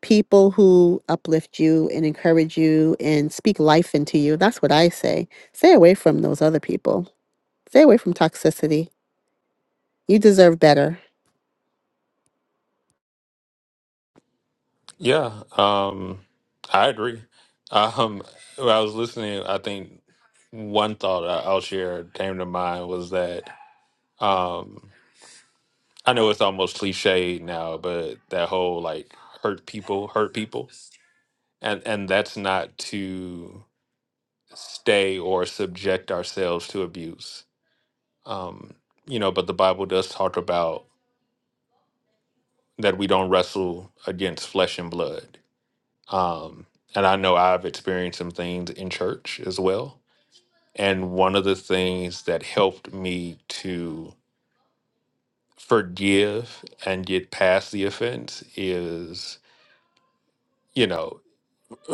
[SPEAKER 3] people who uplift you and encourage you and speak life into you. That's what I say. Stay away from those other people. Stay away from toxicity. You deserve better.
[SPEAKER 4] Yeah, um, I agree. Um, when I was listening, I think one thought I- I'll share came to mind was that um, I know it's almost cliche now, but that whole like hurt people, hurt people, and and that's not to stay or subject ourselves to abuse. Um, you know, but the Bible does talk about that we don't wrestle against flesh and blood Um, and I know I've experienced some things in church as well. And one of the things that helped me to forgive and get past the offense is, you know,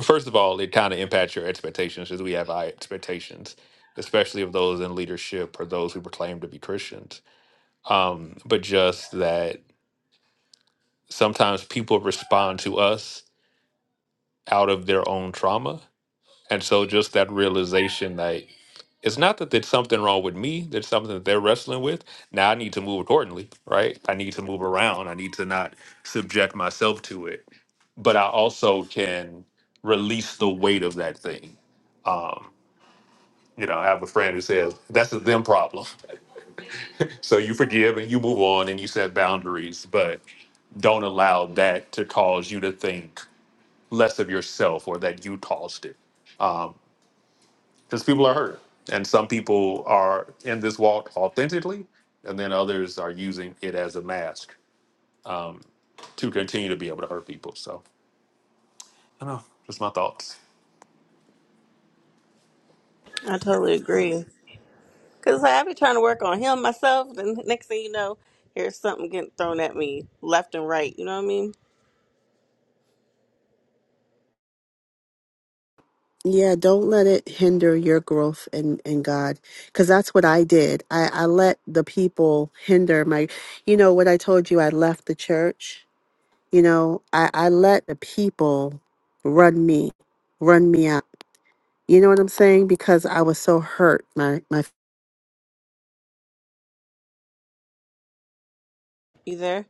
[SPEAKER 4] first of all, it kind of impacts your expectations because we have high expectations, especially of those in leadership or those who proclaim to be Christians. Um, but just that sometimes people respond to us out of their own trauma And so just that realization that it's not that there's something wrong with me, there's something that they're wrestling with. Now I need to move accordingly, right? I need to move around. I need to not subject myself to it. But I also can release the weight of that thing. Um, you know, I have a friend who says, that's a them problem. So you forgive and you move on and you set boundaries, but don't allow that to cause you to think less of yourself or that you caused it. Um, because people are hurt and some people are in this walk authentically and then others are using it as a mask to continue to be able to hurt people so i don't know just my thoughts
[SPEAKER 1] I totally agree. Cause I be trying to work on him myself, and next thing you know, here's something getting thrown at me left and right. You know what I mean?
[SPEAKER 3] Yeah, don't let it hinder your growth in, in God. Because that's what I did. I, I let the people hinder my, you know, what I told you, I left the church. You know, I, I let the people run me, run me out. You know what I'm saying? Because I was so hurt. My, my,
[SPEAKER 1] You there,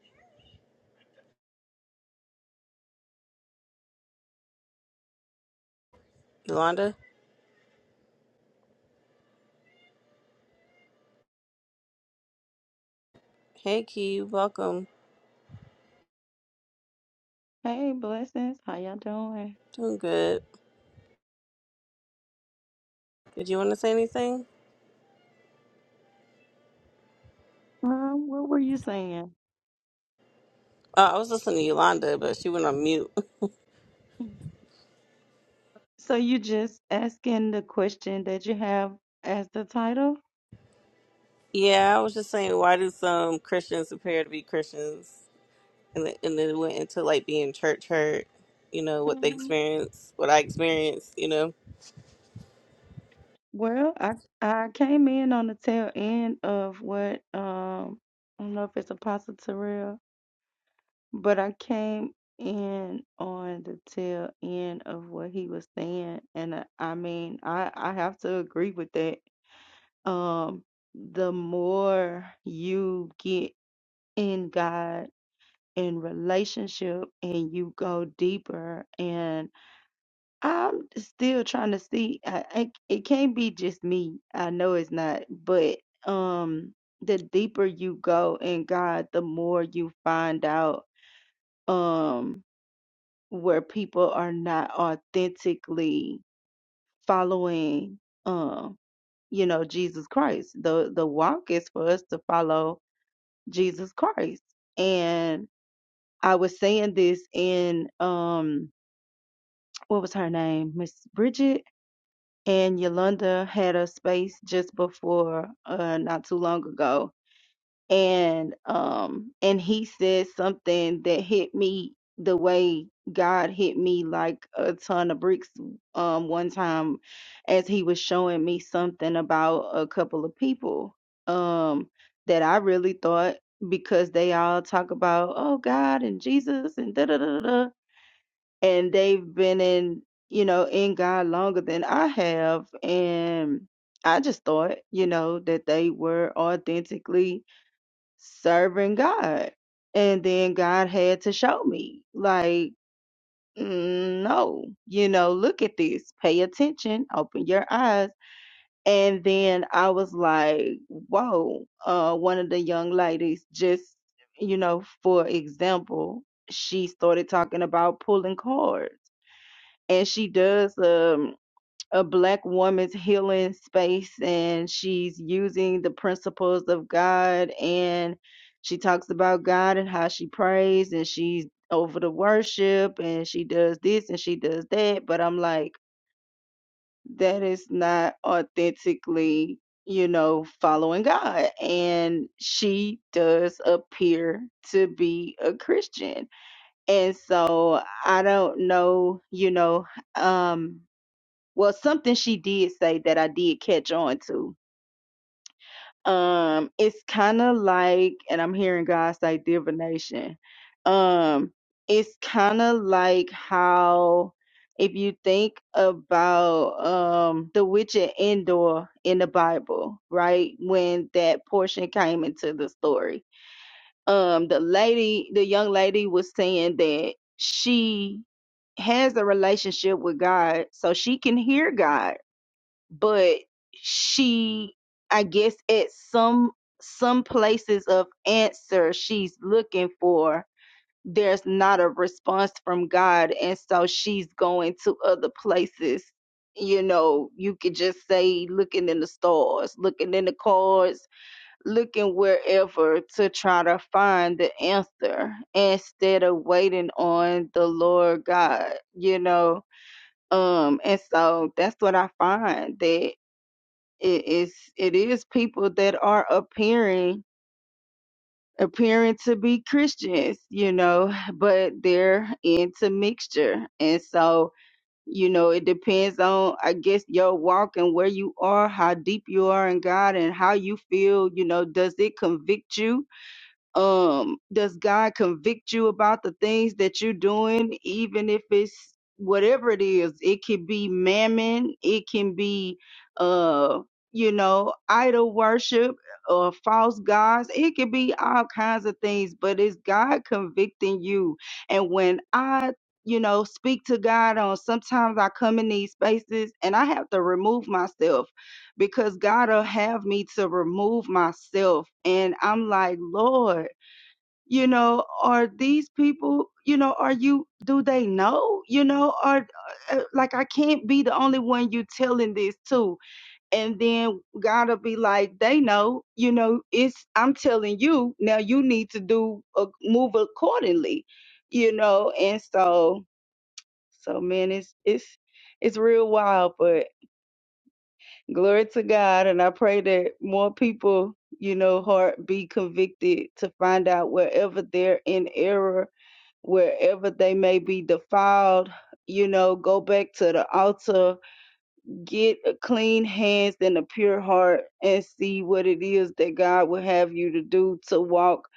[SPEAKER 1] Yolanda? Hey, Key, welcome.
[SPEAKER 5] Hey, blessings. How y'all doing?
[SPEAKER 1] Doing good. Did you want to say anything?
[SPEAKER 5] Um, what were you saying?
[SPEAKER 1] Uh, I was listening to Yolanda, but she went on mute.
[SPEAKER 5] So you just asking the question that you have as the title?
[SPEAKER 1] yeah, I was just saying, why do some Christians appear to be Christians, and then, and then it went into like being church hurt? You know what they
[SPEAKER 5] hmm
[SPEAKER 1] experience, what I experienced. You know,
[SPEAKER 5] Well, I I came in on the tail end of what um I don't know if it's Apostle Terrell, but I came in on the tail end of what he was saying, and I, I mean I I have to agree with that. Um, the more you get in God. in relationship and you go deeper and i'm still trying to see I, I, it can't be just me i know it's not but um the deeper you go in god the more you find out um where people are not authentically following um you know jesus christ the the walk is for us to follow jesus christ and i was saying this in um what was her name? Miss Bridget and Yolanda had a space just before uh not too long ago. And um and he said something that hit me the way God hit me like a ton of bricks um one time as he was showing me something about a couple of people um that I really thought because they all talk about oh God and Jesus and da da da da da and they've been in you know in God longer than I have and I just thought you know that they were authentically serving God and then God had to show me like "Mm, no you know look at this pay attention open your eyes and then I was like whoa uh one of the young ladies just you know for example she started talking about pulling cards and she does um, a black woman's healing space and she's using the principles of god and she talks about god and how she prays and she's over the worship and she does this and she does that but i'm like that is not authentically you know following god and she does appear to be a christian and so i don't know you know um well something she did say that i did catch on to um it's kind of like and i'm hearing god say divination um it's kind of like how if you think about um the witch at endor in the bible right when that portion came into the story um the lady the young lady was saying that she has a relationship with god so she can hear god but she i guess at some some places of answer she's looking for there's not a response from god and so she's going to other places you know you could just say looking in the stars looking in the cards looking wherever to try to find the answer instead of waiting on the lord god you know um and so that's what i find that it is it is people that are appearing appearing to be Christians, you know, but they're into mixture. And so, you know, it depends on I guess your walk and where you are, how deep you are in God and how you feel, you know, does it convict you um does god convict you about the things that you're doing even if it's whatever it is it can be mammon it can be uh you know idol worship or false gods it can be all kinds of things but it's god convicting you and when i you know speak to god on sometimes i come in these spaces and i have to remove myself because god'll have me to remove myself and i'm like lord you know are these people you know are you do they know you know are uh, like i can't be the only one you telling this to and then gotta be like they know you know it's i'm telling you now you need to do a move accordingly you know and so so man it's it's it's real wild but glory to god and i pray that more people you know heart be convicted to find out wherever they're in error wherever they may be defiled, you know, go back to the altar, get a clean hands and a pure heart, and see what it is that God will have you to do to walk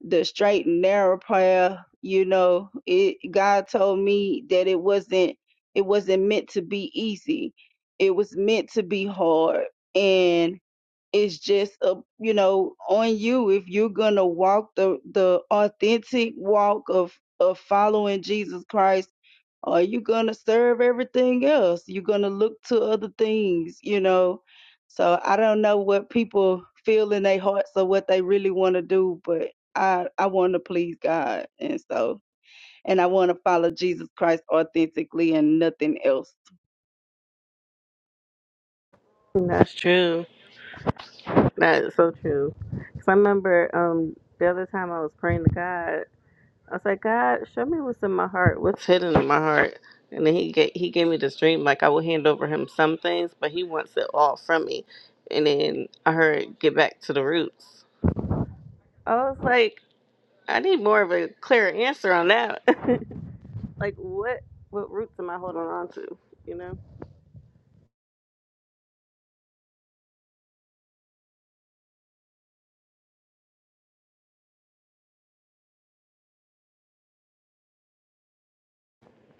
[SPEAKER 5] the straight and narrow path. You know, it God told me that it wasn't it wasn't meant to be easy. It was meant to be hard. and it's just a you know on you if you're gonna walk the the authentic walk of of following Jesus Christ. Are you gonna serve everything else? You're gonna look to other things, you know. So I don't know what people feel in their hearts or what they really want to do, but I I want to please God, and so and I want to follow Jesus Christ authentically and nothing else.
[SPEAKER 1] that's true. That is so true. Cause I remember um the other time I was praying to God, I was like, God, show me what's in my heart, what's hidden in my heart. And then he gave, he gave me this dream, like I will hand over him some things, but he wants it all from me. And then I heard get back to the roots. I was like, I need more of a clear answer on that. like what what roots am I holding on to? You know?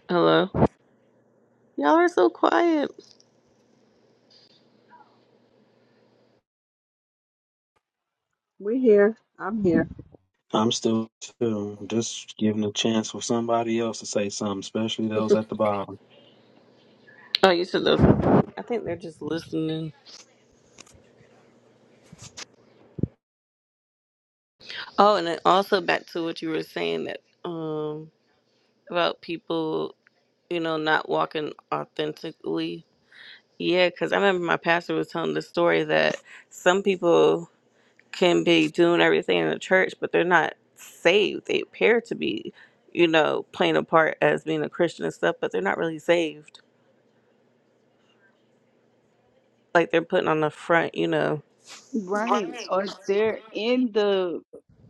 [SPEAKER 1] Hello. Y'all are so quiet.
[SPEAKER 3] We're here. I'm here.
[SPEAKER 2] I'm still too, just giving a chance for somebody else to say something, especially those at the bottom.
[SPEAKER 1] Oh, you should know. I think they're just listening. Oh, and then also back to what you were saying that um about people, you know, not walking authentically. Yeah, because I remember my pastor was telling the story that some people can be doing everything in the church, but they're not saved. They appear to be, you know, playing a part as being a Christian and stuff, but they're not really saved. Like they're putting on the front, you know.
[SPEAKER 5] Right. Or they're in the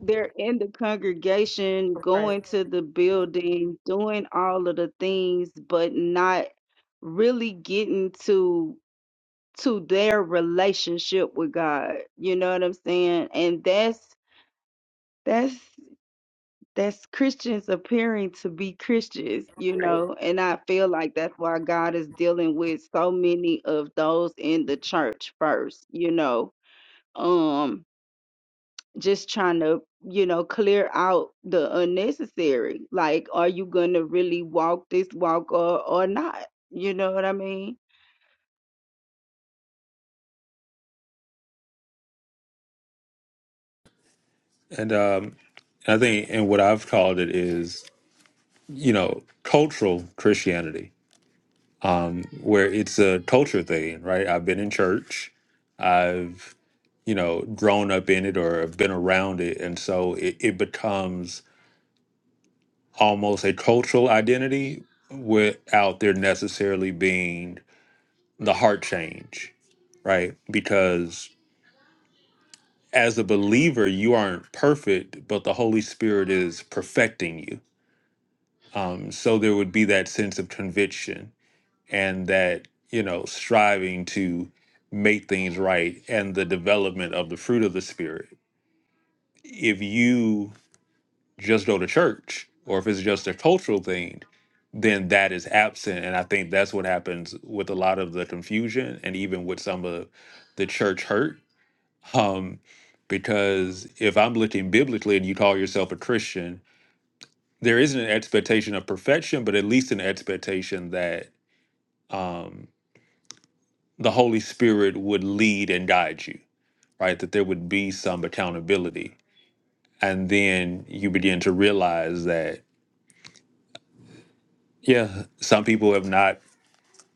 [SPEAKER 5] they're in the congregation, going to the building, doing all of the things, but not really getting to to their relationship with God. You know what I'm saying? And that's that's that's Christians appearing to be Christians, you
[SPEAKER 1] Right.
[SPEAKER 5] know, and I feel like that's why God is dealing with so many of those in the church first, you know. Um just trying to you know clear out the unnecessary like are you gonna really walk this walk or or not you know what i mean
[SPEAKER 4] And um, I think, and what I've called it is, you know, cultural Christianity, where it's a culture thing, right? I've been in church, I've, you know, grown up in it or have been around it. And so it, it becomes almost a cultural identity without there necessarily being the heart change, right? Because as a believer, you aren't perfect, but the Holy Spirit is perfecting you. Um, so there would be that sense of conviction and that, you know, striving to make things right and the development of the fruit of the Spirit. If you just go to church or if it's just a cultural thing, then that is absent. And I think that's what happens with a lot of the confusion and even with some of the church hurt um, because if I'm looking biblically and you call yourself a Christian, there isn't an expectation of perfection, but at least an expectation that um, the Holy Spirit would lead and guide you, right? That there would be some accountability. And then you begin to realize that, yeah, some people have not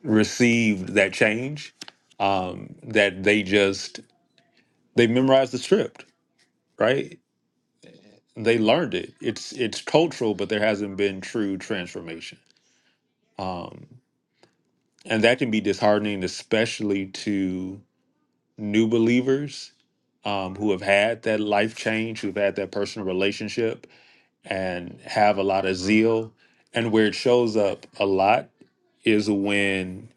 [SPEAKER 4] received that change, um, that they just, they memorized the script, right? they learned it. It's it's cultural, but there hasn't been true transformation, um, and that can be disheartening, especially to new believers um, who have had that life change, who've had that personal relationship, and have a lot of zeal. And where it shows up a lot is when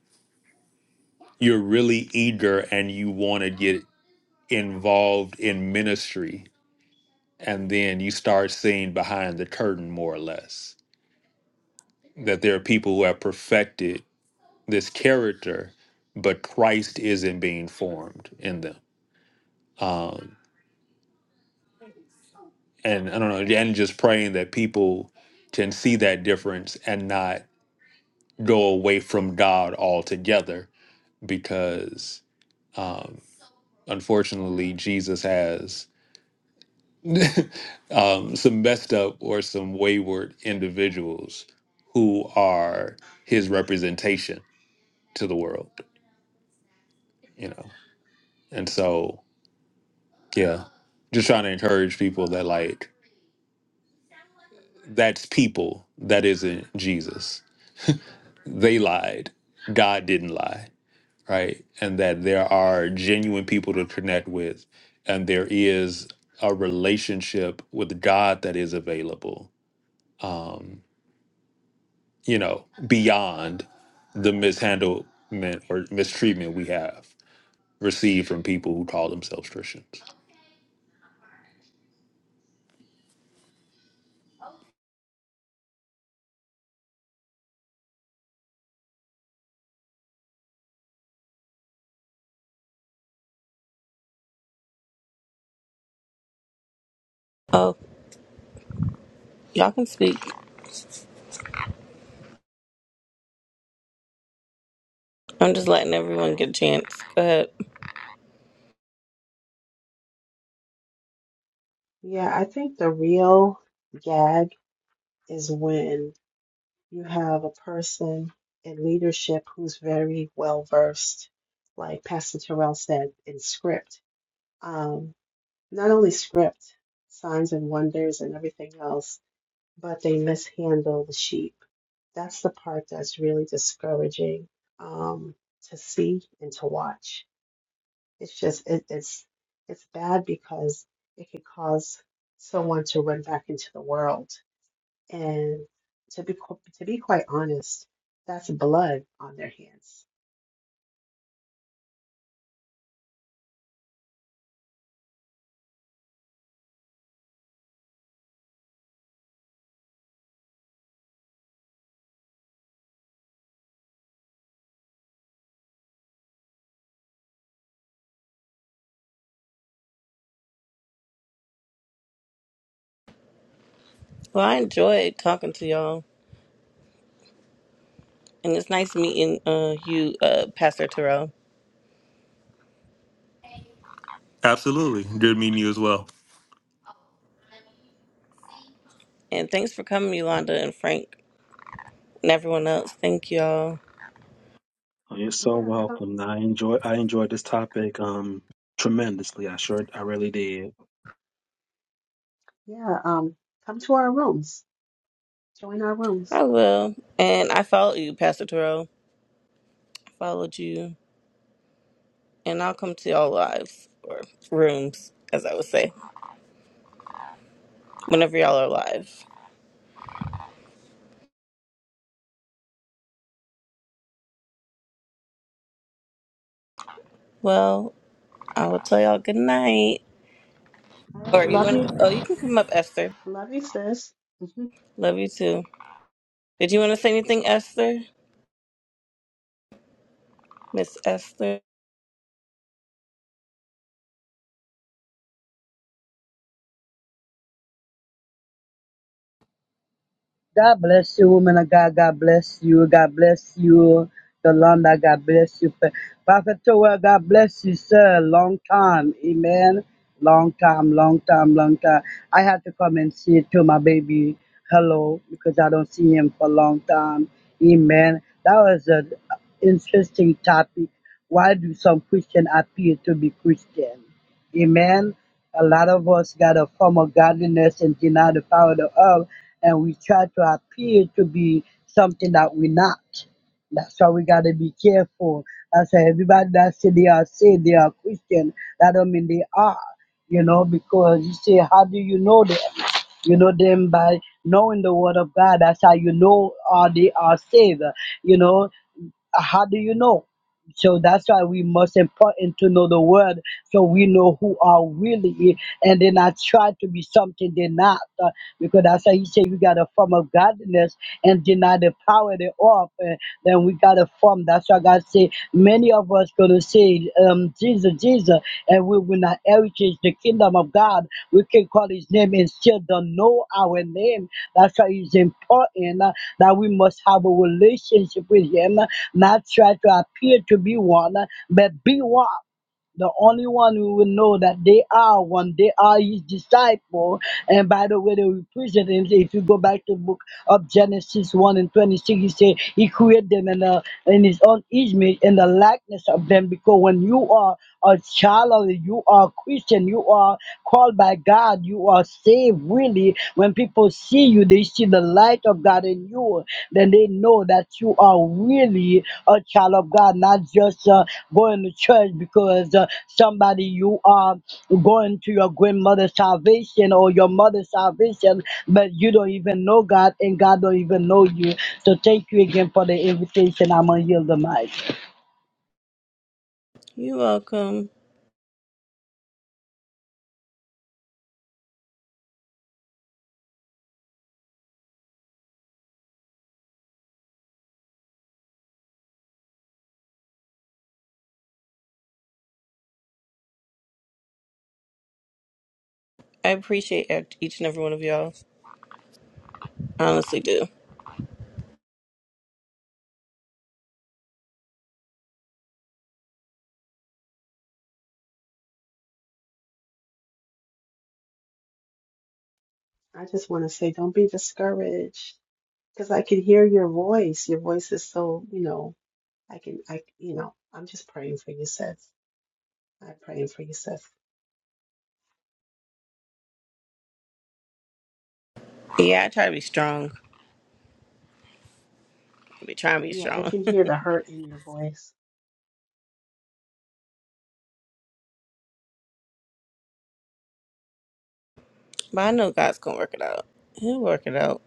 [SPEAKER 4] you're really eager and you want to get involved in ministry, and then you start seeing behind the curtain more or less that there are people who have perfected this character, but Christ isn't being formed in them. Um, and I don't know, and just praying that people can see that difference and not go away from God altogether, because um, unfortunately, Jesus has um, some messed up or some wayward individuals who are his representation to the world, you know. And so Yeah. Just trying to encourage people that like that's people that isn't Jesus. They lied. God didn't lie, right? And that there are genuine people to connect with and there is a relationship with God that is available. Um, you know, beyond the mishandlement or mistreatment we have received from people who call themselves Christians.
[SPEAKER 1] Oh, y'all can speak. I'm just letting everyone get a chance. Go ahead.
[SPEAKER 3] Yeah, I think the real gag is when you have a person in leadership who's very well versed, like Pastor Terrell said, in script. Um, not only script, signs and wonders and everything else, but they mishandle the sheep. That's the part that's really discouraging um, to see and to watch. It's just it, it's it's bad because it could cause someone to run back into the world and to be qu- to be quite honest, that's blood on their hands.
[SPEAKER 1] Well, I enjoyed talking to y'all. And it's nice meeting uh, you, uh, Pastor Terrell.
[SPEAKER 4] Absolutely. Good meeting you as well.
[SPEAKER 1] And thanks for coming, Yolanda and Frank and everyone else. Thank y'all.
[SPEAKER 2] Oh, You're so
[SPEAKER 3] Yeah, come.
[SPEAKER 2] welcome. I enjoy I enjoyed this topic um tremendously. I sure I really did.
[SPEAKER 3] Yeah, um, come to our rooms. Join our rooms.
[SPEAKER 1] I will. And I follow you, Pastor Terrell. I followed you. And I'll come to y'all lives or rooms, as I would say, whenever y'all are live. Well, I will tell y'all good night.
[SPEAKER 3] All right,
[SPEAKER 1] Or you
[SPEAKER 3] love
[SPEAKER 1] want to,
[SPEAKER 3] you,
[SPEAKER 1] oh, you can come up, Esther.
[SPEAKER 3] love you, sis. hmm
[SPEAKER 1] Love you too. Did you want to say anything, Esther? Miss Esther,
[SPEAKER 6] God bless you, woman of God. God bless you. God bless you, Yolanda. God bless you. Pro- Prophet Toel, God bless you, sir. Long time. Amen. Long time, long time, long time. I had to come and see it to my baby. Hello, because I don't see him for a long time. Amen. That was an interesting topic. Why do some Christian appear to be Christian? Amen. A lot of us got a form of godliness and deny the power thereof, and we try to appear to be something that we're not. That's why we gotta be careful. That's why everybody that say they are saved, they are Christian, that don't mean they are, you know, because you say, how do you know them? You know them by knowing the word of God. That's how you know are they are saved. You know, how do you know? So that's why we most important to know the word so we know who are really and then not try to be something they're not. uh, because that's why he said we got a form of godliness and deny the power thereof. And then we got a form. That's why God say many of us gonna Bible said, um, Jesus, Jesus, and we will not heritage the kingdom of God. We can call his name and still don't know our name. That's why it's important uh, that we must have a relationship with him, uh, not try to appear to be one, uh, but be one. The only one who will know that they are one, they are his disciple. And by the way, they represent him. If you go back to the book of Genesis 1 and 26, he said he created them in, the, in his own image, in the likeness of them. Because when you are a child of you are Christian, you are called by God, you are saved really when people see you they see the light of god in you then they know that you are really a child of god not just uh, going to church because uh, somebody you are going to your grandmother's salvation or your mother's salvation but you don't even know god and god don't even know you so thank you again for the invitation i'm gonna yield the mic
[SPEAKER 1] you're welcome. I appreciate e- each and every one of y'all. I honestly do.
[SPEAKER 3] I just want to say, don't be discouraged, because I can hear your voice. Your voice is so, you know, I can, I, you know, I'm just praying for you, sis. I'm praying for you, sis.
[SPEAKER 1] Yeah, I try to be strong. I be trying to be
[SPEAKER 3] Yeah, I
[SPEAKER 1] strong.
[SPEAKER 3] can
[SPEAKER 1] but
[SPEAKER 3] hear the hurt in your voice.
[SPEAKER 1] I know God's gonna work it out. He'll work it out.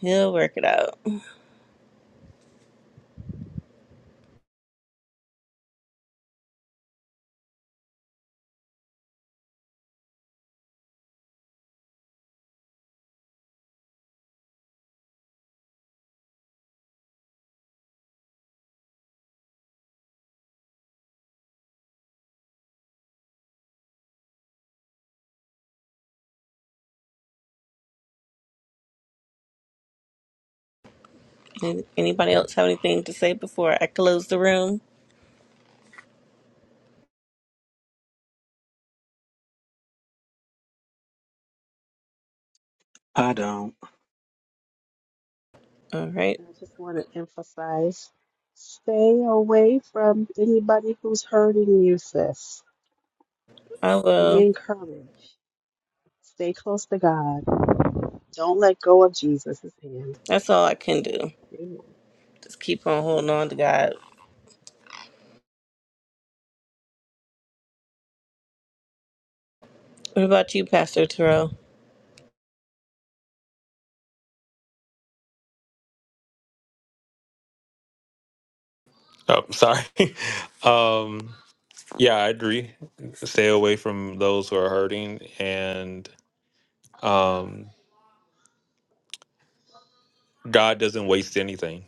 [SPEAKER 1] He'll work it out. Any- Anybody else have anything to say before I close the room?
[SPEAKER 2] I don't.
[SPEAKER 1] All right.
[SPEAKER 3] And I just want to emphasize stay away from anybody who's hurting you, sis.
[SPEAKER 1] I
[SPEAKER 3] Be
[SPEAKER 1] will.
[SPEAKER 3] encouraged. Stay close to God. Don't let go of Jesus' hand.
[SPEAKER 1] That's all I can do.
[SPEAKER 3] Amen.
[SPEAKER 1] Just keep on
[SPEAKER 3] Yes.
[SPEAKER 1] holding on to God. What about you, Pastor Terrell?
[SPEAKER 4] Oh, sorry. um Yeah, I agree. Stay away from those who are hurting, and um, God doesn't waste anything.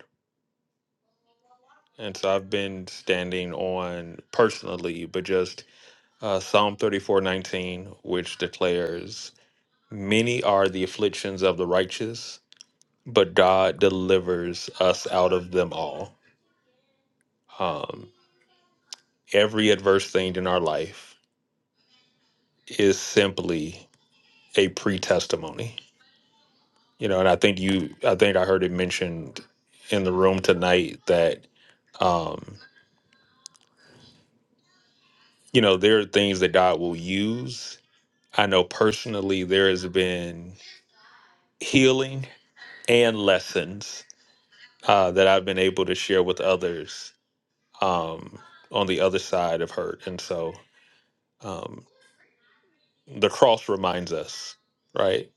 [SPEAKER 4] And so I've been standing on personally, but just uh, Psalm thirty-four nineteen, which declares, "Many are the afflictions of the righteous, but God delivers us out of them all." Um, every adverse thing in our life is simply a pre-testimony you know and i think you i think i heard it mentioned in the room tonight that um you know there are things that god will use i know personally there has been healing and lessons uh that i've been able to share with others um on the other side of hurt and so um the cross reminds us right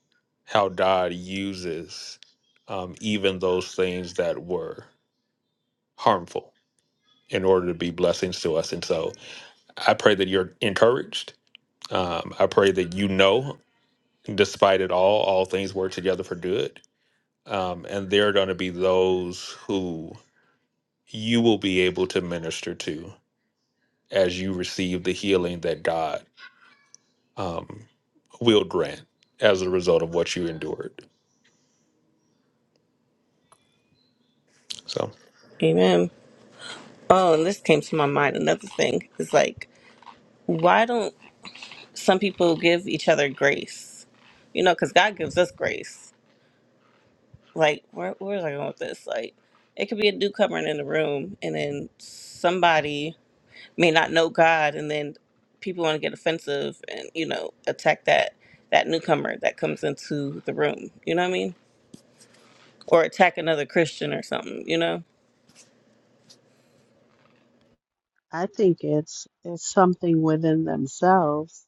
[SPEAKER 4] how god uses um even those things that were harmful in order to be blessings to us. And so I pray that you're encouraged. Um, I pray that you know, despite it all, all things work together for good. Um, and there are going to be those who you will be able to minister to as you receive the healing that God um, will grant as a result of what you endured. So,
[SPEAKER 1] Amen. Oh, and this came to my mind. Another thing is like, why don't some people give each other grace? You know, because God gives us grace like where where was I going with this? Like it could be a newcomer in the room and then somebody may not know God and then people want to get offensive and, you know, attack that that newcomer that comes into the room. You know what I mean? Or attack another Christian or something, you know?
[SPEAKER 3] I think it's it's something within themselves.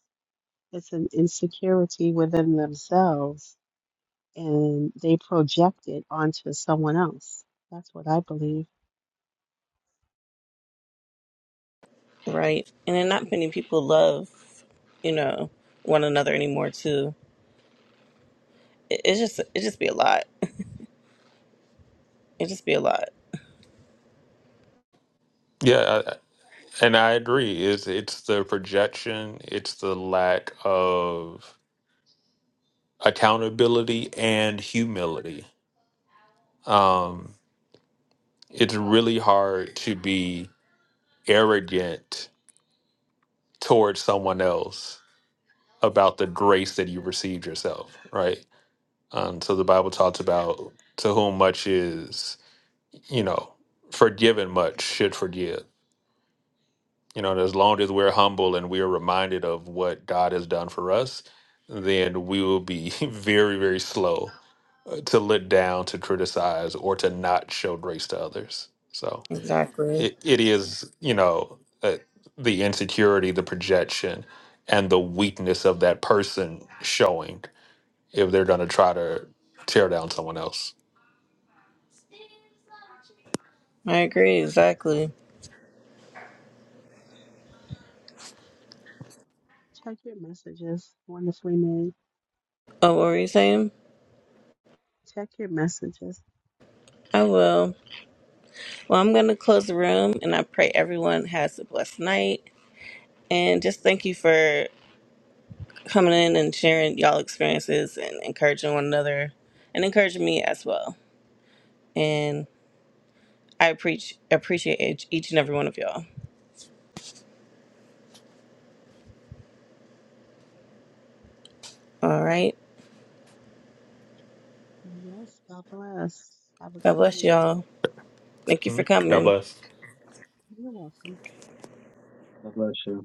[SPEAKER 3] It's an insecurity within themselves and they project it onto someone else. That's what I believe.
[SPEAKER 1] Right. And then not many people love, you know, one another anymore too. It, it's just it just be a lot. It just be a lot.
[SPEAKER 4] yeah, I, and I agree. It's, it's the projection, it's the lack of accountability and humility Um, it's really hard to be arrogant towards someone else about the grace that you received yourself, right? Um, so the Bible talks about to whom much is, you know, forgiven much should forgive. You know, and as long as we're humble and we are reminded of what God has done for us, then we will be very, very slow uh, to look down, to criticize, or to not show grace to others. So.
[SPEAKER 1] Exactly.
[SPEAKER 4] it, it is you know uh, the insecurity the projection and the weakness of that person showing if they're going to try to tear down someone else
[SPEAKER 1] I agree, exactly.
[SPEAKER 3] Check your messages, wonderfully made.
[SPEAKER 1] Oh, what were you saying?
[SPEAKER 3] Check your messages.
[SPEAKER 1] I will. Well, I'm going to close the room and I pray everyone has a blessed night. And just thank you for coming in and sharing y'all experiences and encouraging one another and encouraging me as well. And I appreciate appreciate each each and every one of y'all. All right.
[SPEAKER 3] Yes, God bless. Have a
[SPEAKER 1] God
[SPEAKER 3] good
[SPEAKER 1] bless
[SPEAKER 3] night.
[SPEAKER 1] y'all. Thank you
[SPEAKER 4] Hmm.
[SPEAKER 1] for
[SPEAKER 4] god
[SPEAKER 1] coming.
[SPEAKER 4] bless
[SPEAKER 3] You're welcome.
[SPEAKER 2] God bless you.